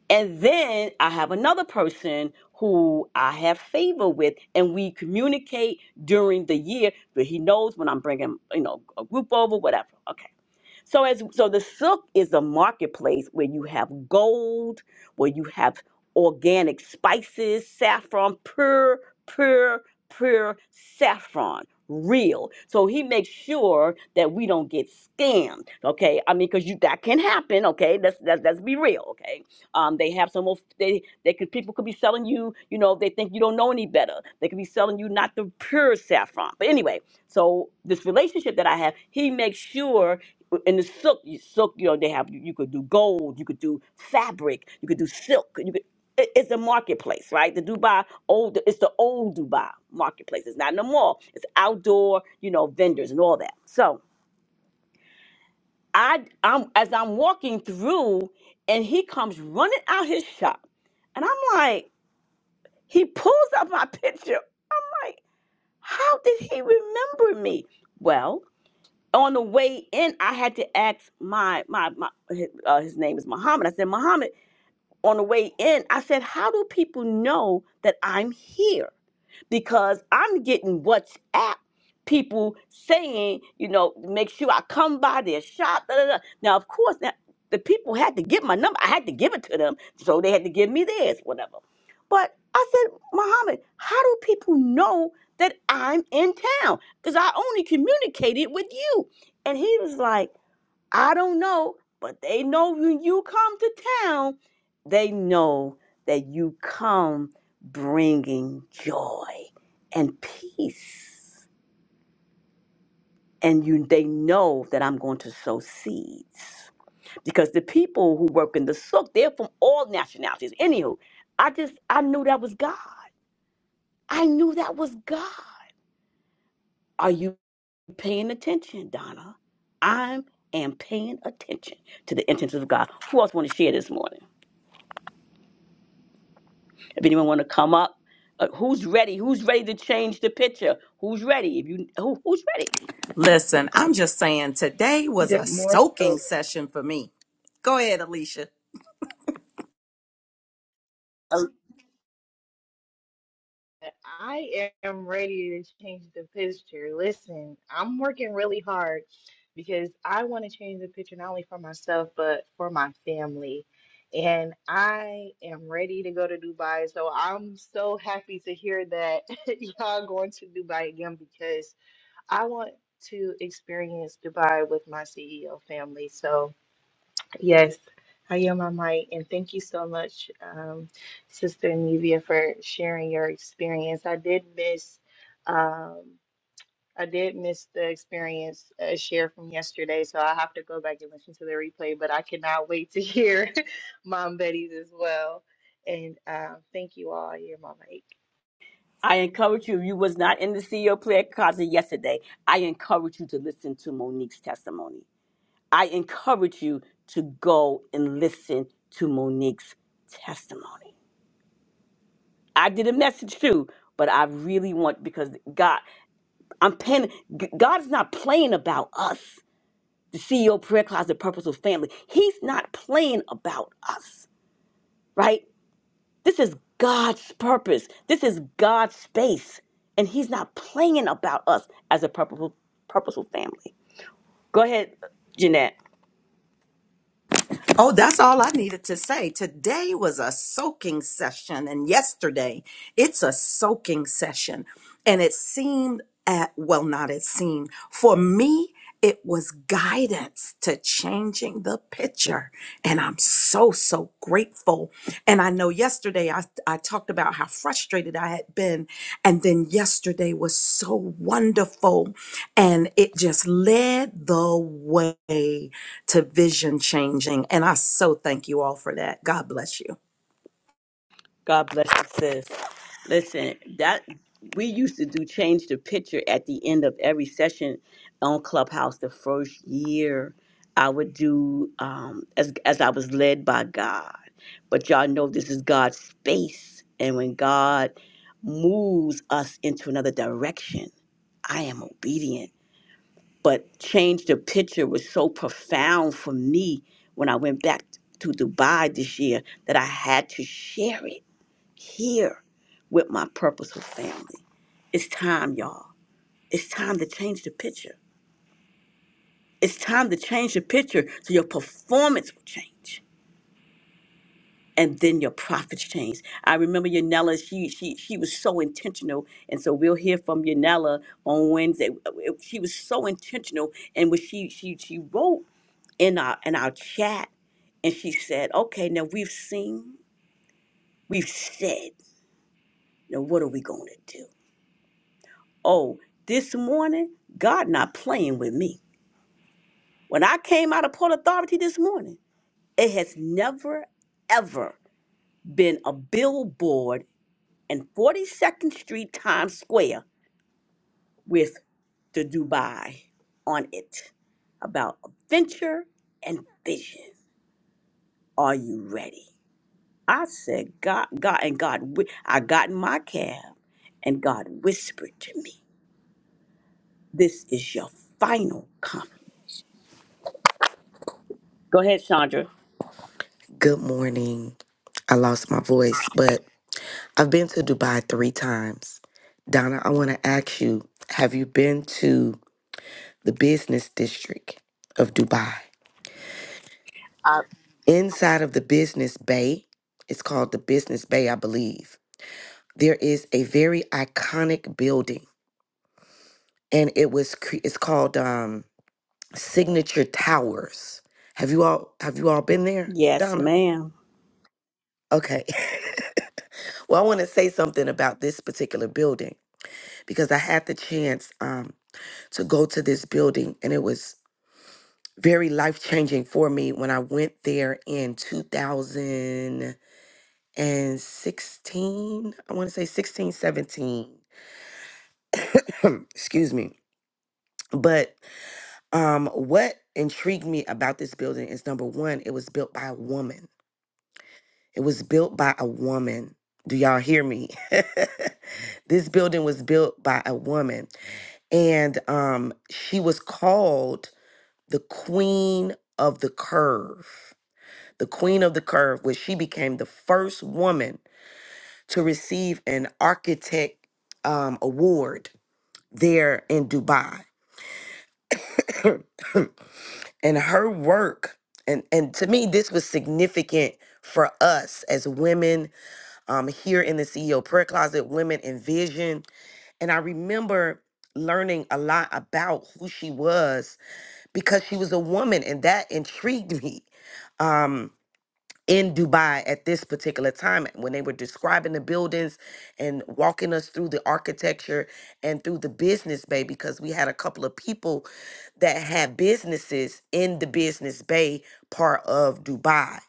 S3: and then I have another person who I have favor with, and we communicate during the year, but he knows when I'm bringing, you know, a group over, whatever. Okay. So as so the souk is a marketplace where you have gold, where you have organic spices, saffron, pure, pure, pure saffron. Real. So he makes sure that we don't get scammed. Okay. I mean, because you that can happen, okay? Let's let's, let's be real, okay? Um, they have some of they they could people could be selling you, you know, they think you don't know any better. They could be selling you not the pure saffron. But anyway, so this relationship that I have, he makes sure in the silk, you, silk, you know, they have you could do gold, you could do fabric, you could do silk, you could. it- It's a marketplace, right? The Dubai old, it's the old Dubai marketplace. It's not in the mall. It's outdoor, you know, vendors and all that. So I, I'm as I'm walking through, and he comes running out his shop, and I'm like, he pulls up my picture. I'm like, how did he remember me? Well, on the way in, I had to ask my my my uh, his, uh, his name is Muhammad. I said, Muhammad on the way in, I said, How do people know that I'm here? Because I'm getting WhatsApp people saying, you know, make sure I come by their shop. Da, da, da. Now, of course, now, the people had to get my number. I had to give it to them. So they had to give me theirs, whatever. But I said, Muhammad, how do people know that I'm in town? Because I only communicated with you. And he was like, I don't know, but they know when you come to town, they know that you come bringing joy and peace. And you, they know that I'm going to sow seeds because the people who work in the sook, they're from all nationalities. Anywho, I just, I knew that was God. I knew that was God. Are you paying attention, Donna? I am paying attention to the intentions of God. Who else want to share this morning? If anyone want to come up, uh, who's ready? Who's ready to change the picture? Who's ready? If you who, who's ready?
S1: Listen, I'm just saying today was a
S7: Good more Oh,
S1: soaking session for me. Go ahead, Alicia.
S3: Uh,
S7: I am ready to change the picture. Listen, I'm working really hard because I want to change the picture not for myself, but for my family. And I, guys, so I'm so happy to hear that y'all going to Dubai again because I want to experience Dubai with my CEO family. So, Yes, I am on mic, and thank you so much, um, Sister Nivea, for sharing your experience. I did miss, um, I did miss the experience uh, share from yesterday, so I have to go back and listen to the replay. But I cannot wait to hear Mom Betty's as well. And uh, thank you all. I am on mic.
S3: I encourage you. If you was not in the CEO player closet yesterday, I encourage you to listen to Monique's testimony. I encourage you to go and listen to Monique's testimony. I did a message too, but I really want because God, I'm paying. G- God is not playing about us. The CEO prayer closet, purposeful family. He's not playing about us, right? This is God's purpose. This is God's space. And He's not playing about us as a purposeful, purposeful family. Go ahead, Jeanette.
S1: Oh, that's all I needed to say. Today was a soaking session, and yesterday it's a soaking session. And it seemed at, well, not it seemed, for me, it was guidance to changing the picture. And I'm so, so grateful. And I know yesterday I, I talked about how frustrated I had been. And then yesterday was so wonderful. And it just led the way to vision changing. And I so thank you all for that. God bless you.
S3: God bless you, sis. Listen, that we used to do change the picture at the end of every session on Clubhouse. The first year, I would do um, as as I was led by God. But y'all know this is God's space, and when God moves us into another direction, I am obedient. But change the picture was so profound for me when I went back to Dubai this year that I had to share it here with my purposeful family. It's time, y'all. It's time to change the picture. It's time to change the picture so your performance will change. And then your profits change. I remember Yanela, she she she was so intentional. And so we'll hear from Yanela on Wednesday. Uh, She was so intentional. And when she she she wrote in our in our chat and she said, Okay, now we've seen, we've said, now what are we gonna do? Oh, this morning, God not playing with me. When I came out of Port Authority this morning, it has never, ever been a billboard in 42nd Street Times Square with the Dubai on it about adventure and vision. Are you ready? I said, God, God, and God, whi- I got in my cab and God whispered to me, This is your final confidence. Go ahead, Chandra.
S8: Good morning. I lost my voice, but I've been to Dubai three times. Donna, I want to ask you have you been to the business district of Dubai? Inside of the business bay, it's called the business bay, I believe. There is a very iconic building, and it was cre- it's called um, Signature Towers. Have you all have you all been there,
S3: Yes,
S8: Donna?
S3: ma'am.
S8: Okay. well, I want to say something about this particular building. because I had the chance um, to go to this building, and it was very life changing for me when I went there in 2016. I want to say 16, 17. Excuse me. But um, what intrigued me about this building is number one, it was built by a woman. It was built by a woman. Do y'all hear me? this building was built by a woman, and um, she was called the queen of the curve, the queen of the curve, where she became the first woman to receive an architect um, award there in Dubai. and her work, and, and to me, this was significant for us as women um, here in the CEO Prayer Closet, Women in Vision. And I remember learning a lot about who she was because she was a woman, and that intrigued me. Um, in Dubai at this particular time when they were describing the buildings and walking us through the architecture and through the business bay because we had a couple of people that had businesses in the business bay part of Dubai.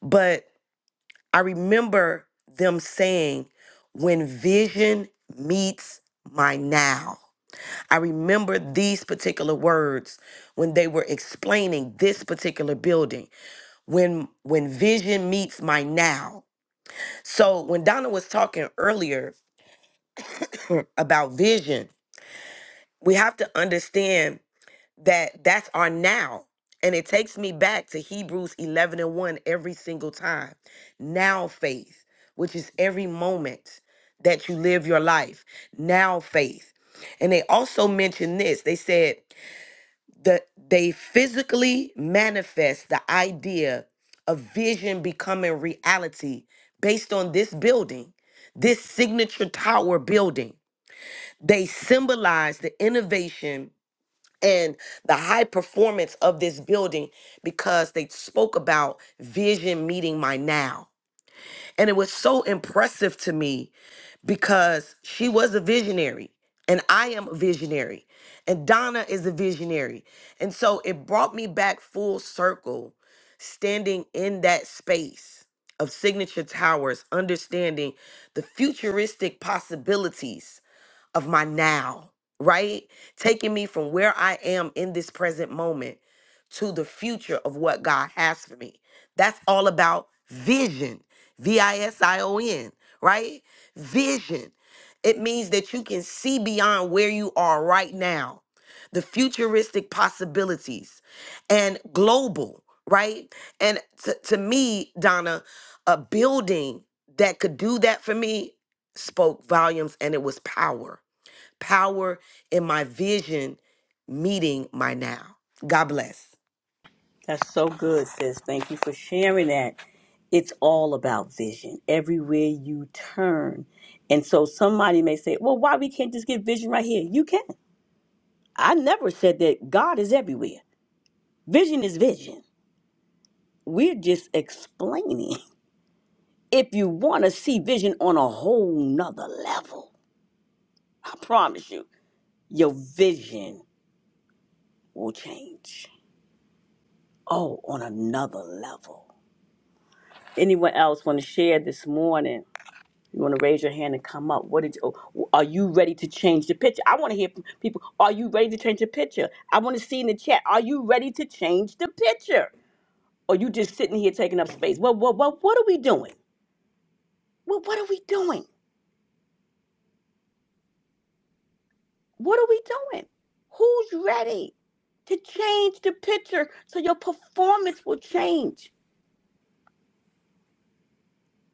S8: But I remember them saying when vision meets my now. I remember these particular words when they were explaining this particular building when when vision meets my now so when Donna was talking earlier about vision, we have to understand that that's our now. And it takes me back to Hebrews 11 and 1 every single time. Now faith, which is every moment that you live your life. Now faith. And they also mentioned this. They said that they physically manifest the idea of vision becoming reality based on this building, this signature tower building. They symbolize the innovation and the high performance of this building because they spoke about vision meeting my now. And it was so impressive to me because she was a visionary and I am a visionary and Donna is a visionary. And so it brought me back full circle standing in that space of signature towers, understanding the futuristic possibilities of my now, right? Taking me from where I am in this present moment to the future of what God has for me. That's all about vision, V I S I O N, right? Vision. It means that you can see beyond where you are right now, the futuristic possibilities, and global, right? And to, to me, Donna, a building that could do that for me spoke volumes and it was power. Power in my vision meeting my now. God bless.
S3: That's so good, sis. Thank you for sharing that. It's all about vision everywhere you turn. And so somebody may say, well, why we can't just get vision right here? You can. I never said that God is everywhere. Vision is vision. We're just explaining. If you want to see vision on a whole nother level, I promise you, your vision will change. Oh, on another level. Anyone else want to share this morning? You want to raise your hand and come up. What did you, oh, are you ready to change the picture? I want to hear from people. Are you ready to change the picture? I want to see in the chat. Are you ready to change the picture? Or you just sitting here taking up space? What what what what are we doing? What what are we doing? What are we doing? Who's ready to change the picture so your performance will change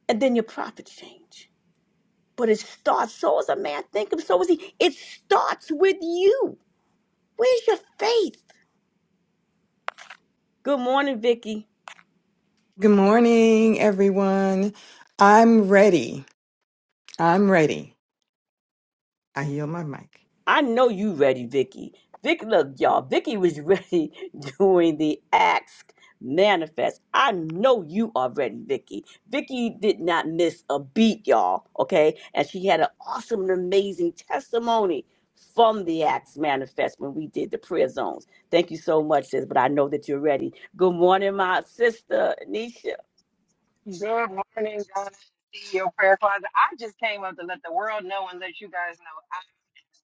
S3: and then your profits change? But it starts. So is a man. Think of so is he. It starts with you. Where's your faith? Good morning, Vicky.
S9: Good morning, everyone. I'm ready. I'm ready. I yield my mic.
S3: I know you ready, Vicky. Vicky, look, y'all. Vicky was ready doing the ask manifest. I know you are ready, Vicky. Vicky did not miss a beat, y'all. Okay, and she had an awesome and amazing testimony from the acts manifest when we did the prayer zones. Thank you so much, sis. But I know that you're ready. Good morning, my sister Nisha.
S10: Good morning, God. See your prayer closet. I just came up to let the world know and let you guys know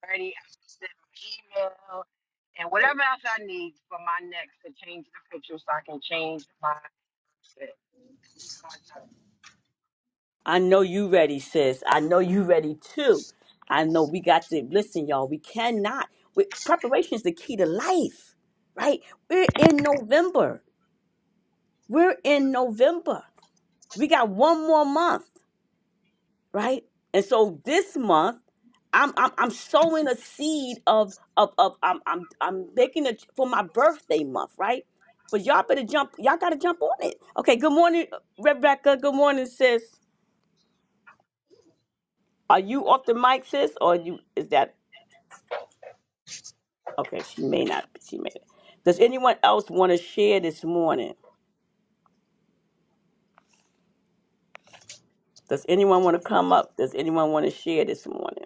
S10: I'm ready. I sent my email and whatever else I need for my next to change the picture so I can change my. outfit.
S3: I know you ready, sis. I know you ready too. I know we got to listen, y'all. We cannot. We, preparation is the key to life, right? We're in November. We're in November. We got one more month, right? And so this month, I'm I'm, I'm sowing a seed of of of I'm I'm I'm making it for my birthday month, right? But y'all better jump. Y'all gotta jump on it. Okay. Good morning, Rebecca. Good morning, sis. Are you off the mic, sis, or you is that Okay, she may not. She may. Does anyone else want to share this morning? Does anyone want to come up? Does anyone want to share this morning?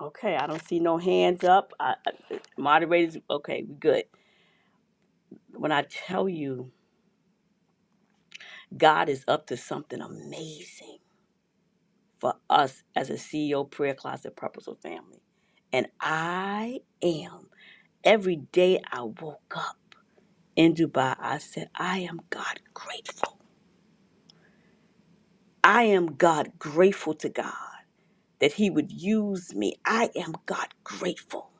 S3: Okay, I don't see no hands up. I, I- moderators, okay, we good. When I tell you, God is up to something amazing for us as a CEO Prayer Closet Purposeful Family, and I am. Every day I woke up in Dubai, I said, I am God grateful. I am God grateful to God. that He would use me. I am God grateful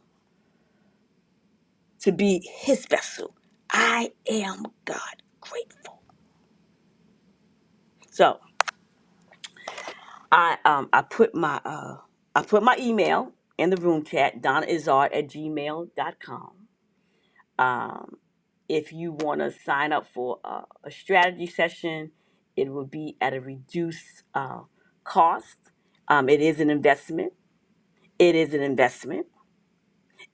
S3: to be His vessel. I am God grateful. So I um I put my uh I put my email in the room chat, donnaizard at gmail dot com Um, if you want to sign up for a, a strategy session, it will be at a reduced uh, cost. Um, it is an investment. It is an investment.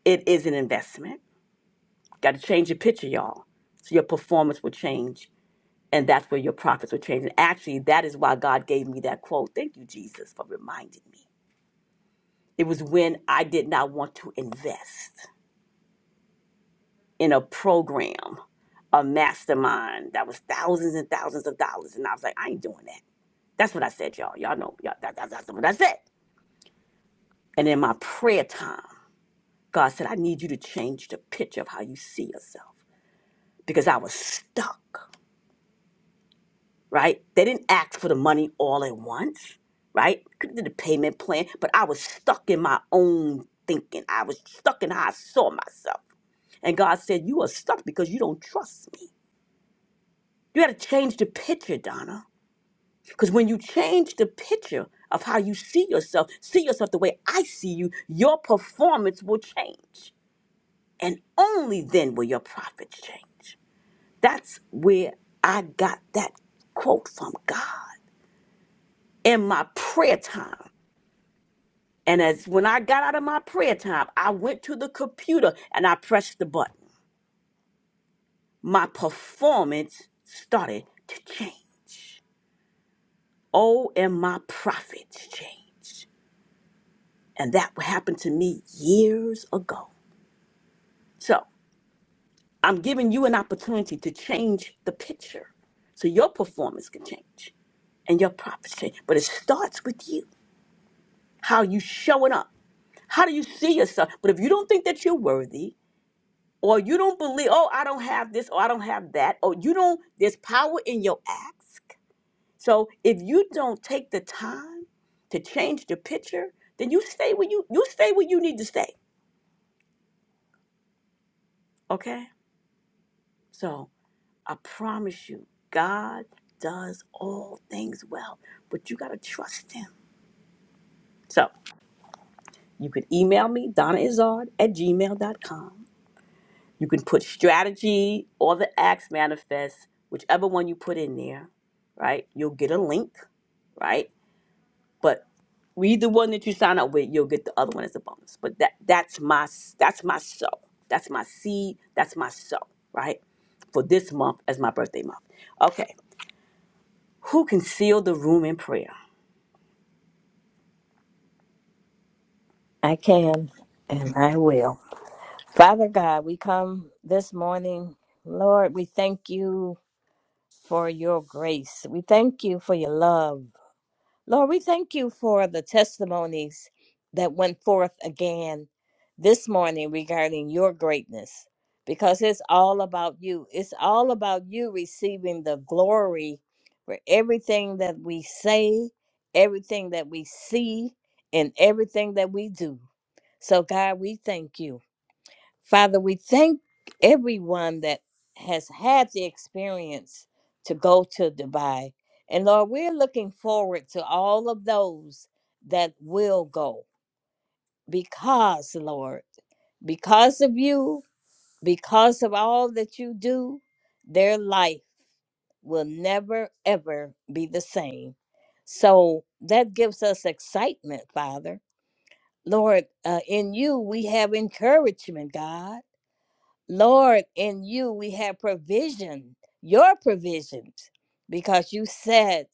S3: It is an investment. Got to change your picture, y'all. So your performance will change. And that's where your profits will change. And actually, that is why God gave me that quote. Thank you, Jesus, for reminding me. It was when I did not want to invest in a program, a mastermind that was thousands and thousands of dollars. And I was like, I ain't doing that. That's what I said, y'all. Y'all know y'all, that, that, that's what I said. And in my prayer time, God said, I need you to change the picture of how you see yourself because I was stuck. right? They didn't ask for the money all at once, right? Could have did a payment plan, but I was stuck in my own thinking. I was stuck in how I saw myself. And God said, You are stuck because you don't trust me. You got to change the picture, Donna. Because when you change the picture of how you see yourself, see yourself the way I see you, your performance will change. And only then will your profits change. That's where I got that quote from God. in my prayer time. And as when I got out of my prayer time, I went to the computer and I pressed the button. My performance started to change. Oh, and my profits changed. And that happened to me years ago. So I'm giving you an opportunity to change the picture so your performance can change and your profits change. But it starts with you. How you showing up. How do you see yourself? But if you don't think that you're worthy, or you don't believe, oh, I don't have this, or I don't have that, or you don't, there's power in your ask. So if you don't take the time to change the picture, then you stay where you you stay where you need to stay. Okay? So I promise you, God does all things well, but you gotta trust him. So you can email me, Donna Izard at gmail dot com. You can put strategy or the acts manifest, whichever one you put in there, right? You'll get a link, right? But read the one that you sign up with, you'll get the other one as a bonus. But that that's my s- that's my soul. That's my seed. That's my soul, right? For this month as my birthday month. Okay. Who can seal the room in prayer?
S2: I can and I will. Father God, we come this morning. Lord, we thank you for your grace. We thank you for your love. Lord, we thank you for the testimonies that went forth again this morning regarding your greatness because it's all about you. It's all about you receiving the glory for everything that we say, everything that we see, and everything that we do. So, God, we thank you. Father, we thank everyone that has had the experience to go to Dubai. And Lord, we're looking forward to all of those that will go because, Lord, because of you, because of all that you do, their life will never, ever be the same. So that gives us excitement, Father. Lord, uh, in you we have encouragement, God Lord, in you we have provision, your provisions, because you said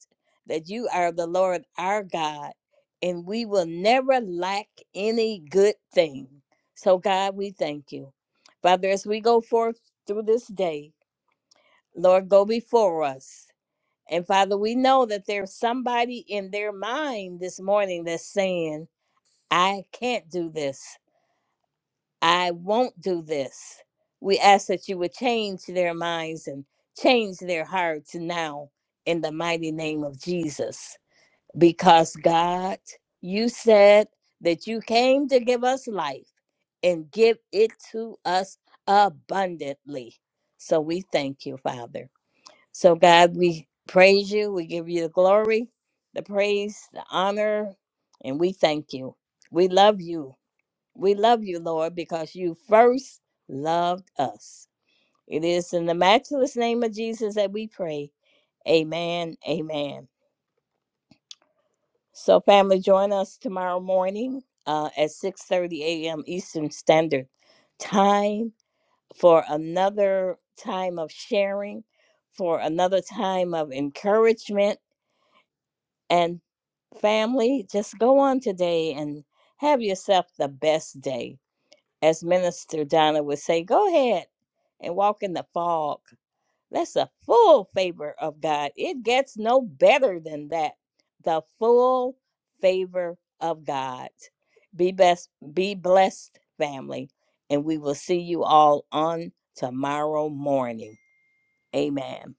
S2: that you are the Lord our God, and we will never lack any good thing. So, God, we thank you. Father, as we go forth through this day, Lord, go before us. And Father, we know that there's somebody in their mind this morning that's saying, I can't do this. I won't do this. We ask that you would change their minds and change their hearts now in the mighty name of Jesus. Because God, you said that you came to give us life and give it to us abundantly. So we thank you, Father. So, God, we praise you. We give you the glory, the praise, the honor, and we thank you. We love you. We love you, Lord, because you first loved us. It is in the matchless name of Jesus that we pray. Amen. Amen. So, family, join us tomorrow morning uh, at 6:30 a.m. Eastern Standard Time for another time of sharing, for another time of encouragement. And family, just go on today and have yourself the best day. as Minister Donna would say, go ahead and walk in the fog. That's a full favor of God. It gets no better than that. The full favor of God. Be best, be blessed, family, and we will see you all on tomorrow morning. Amen.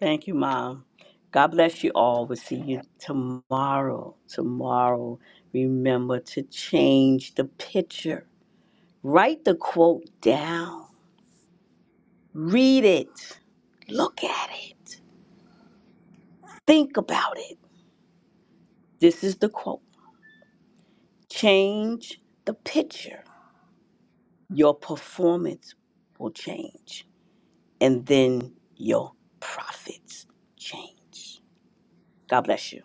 S3: Thank you, Mom. God bless you all. We'll see you tomorrow. Tomorrow. Remember to change the picture Write the quote down, read it, look at it, think about it. This is the quote Change the picture. Your performance will change, and then your profits change. God bless you.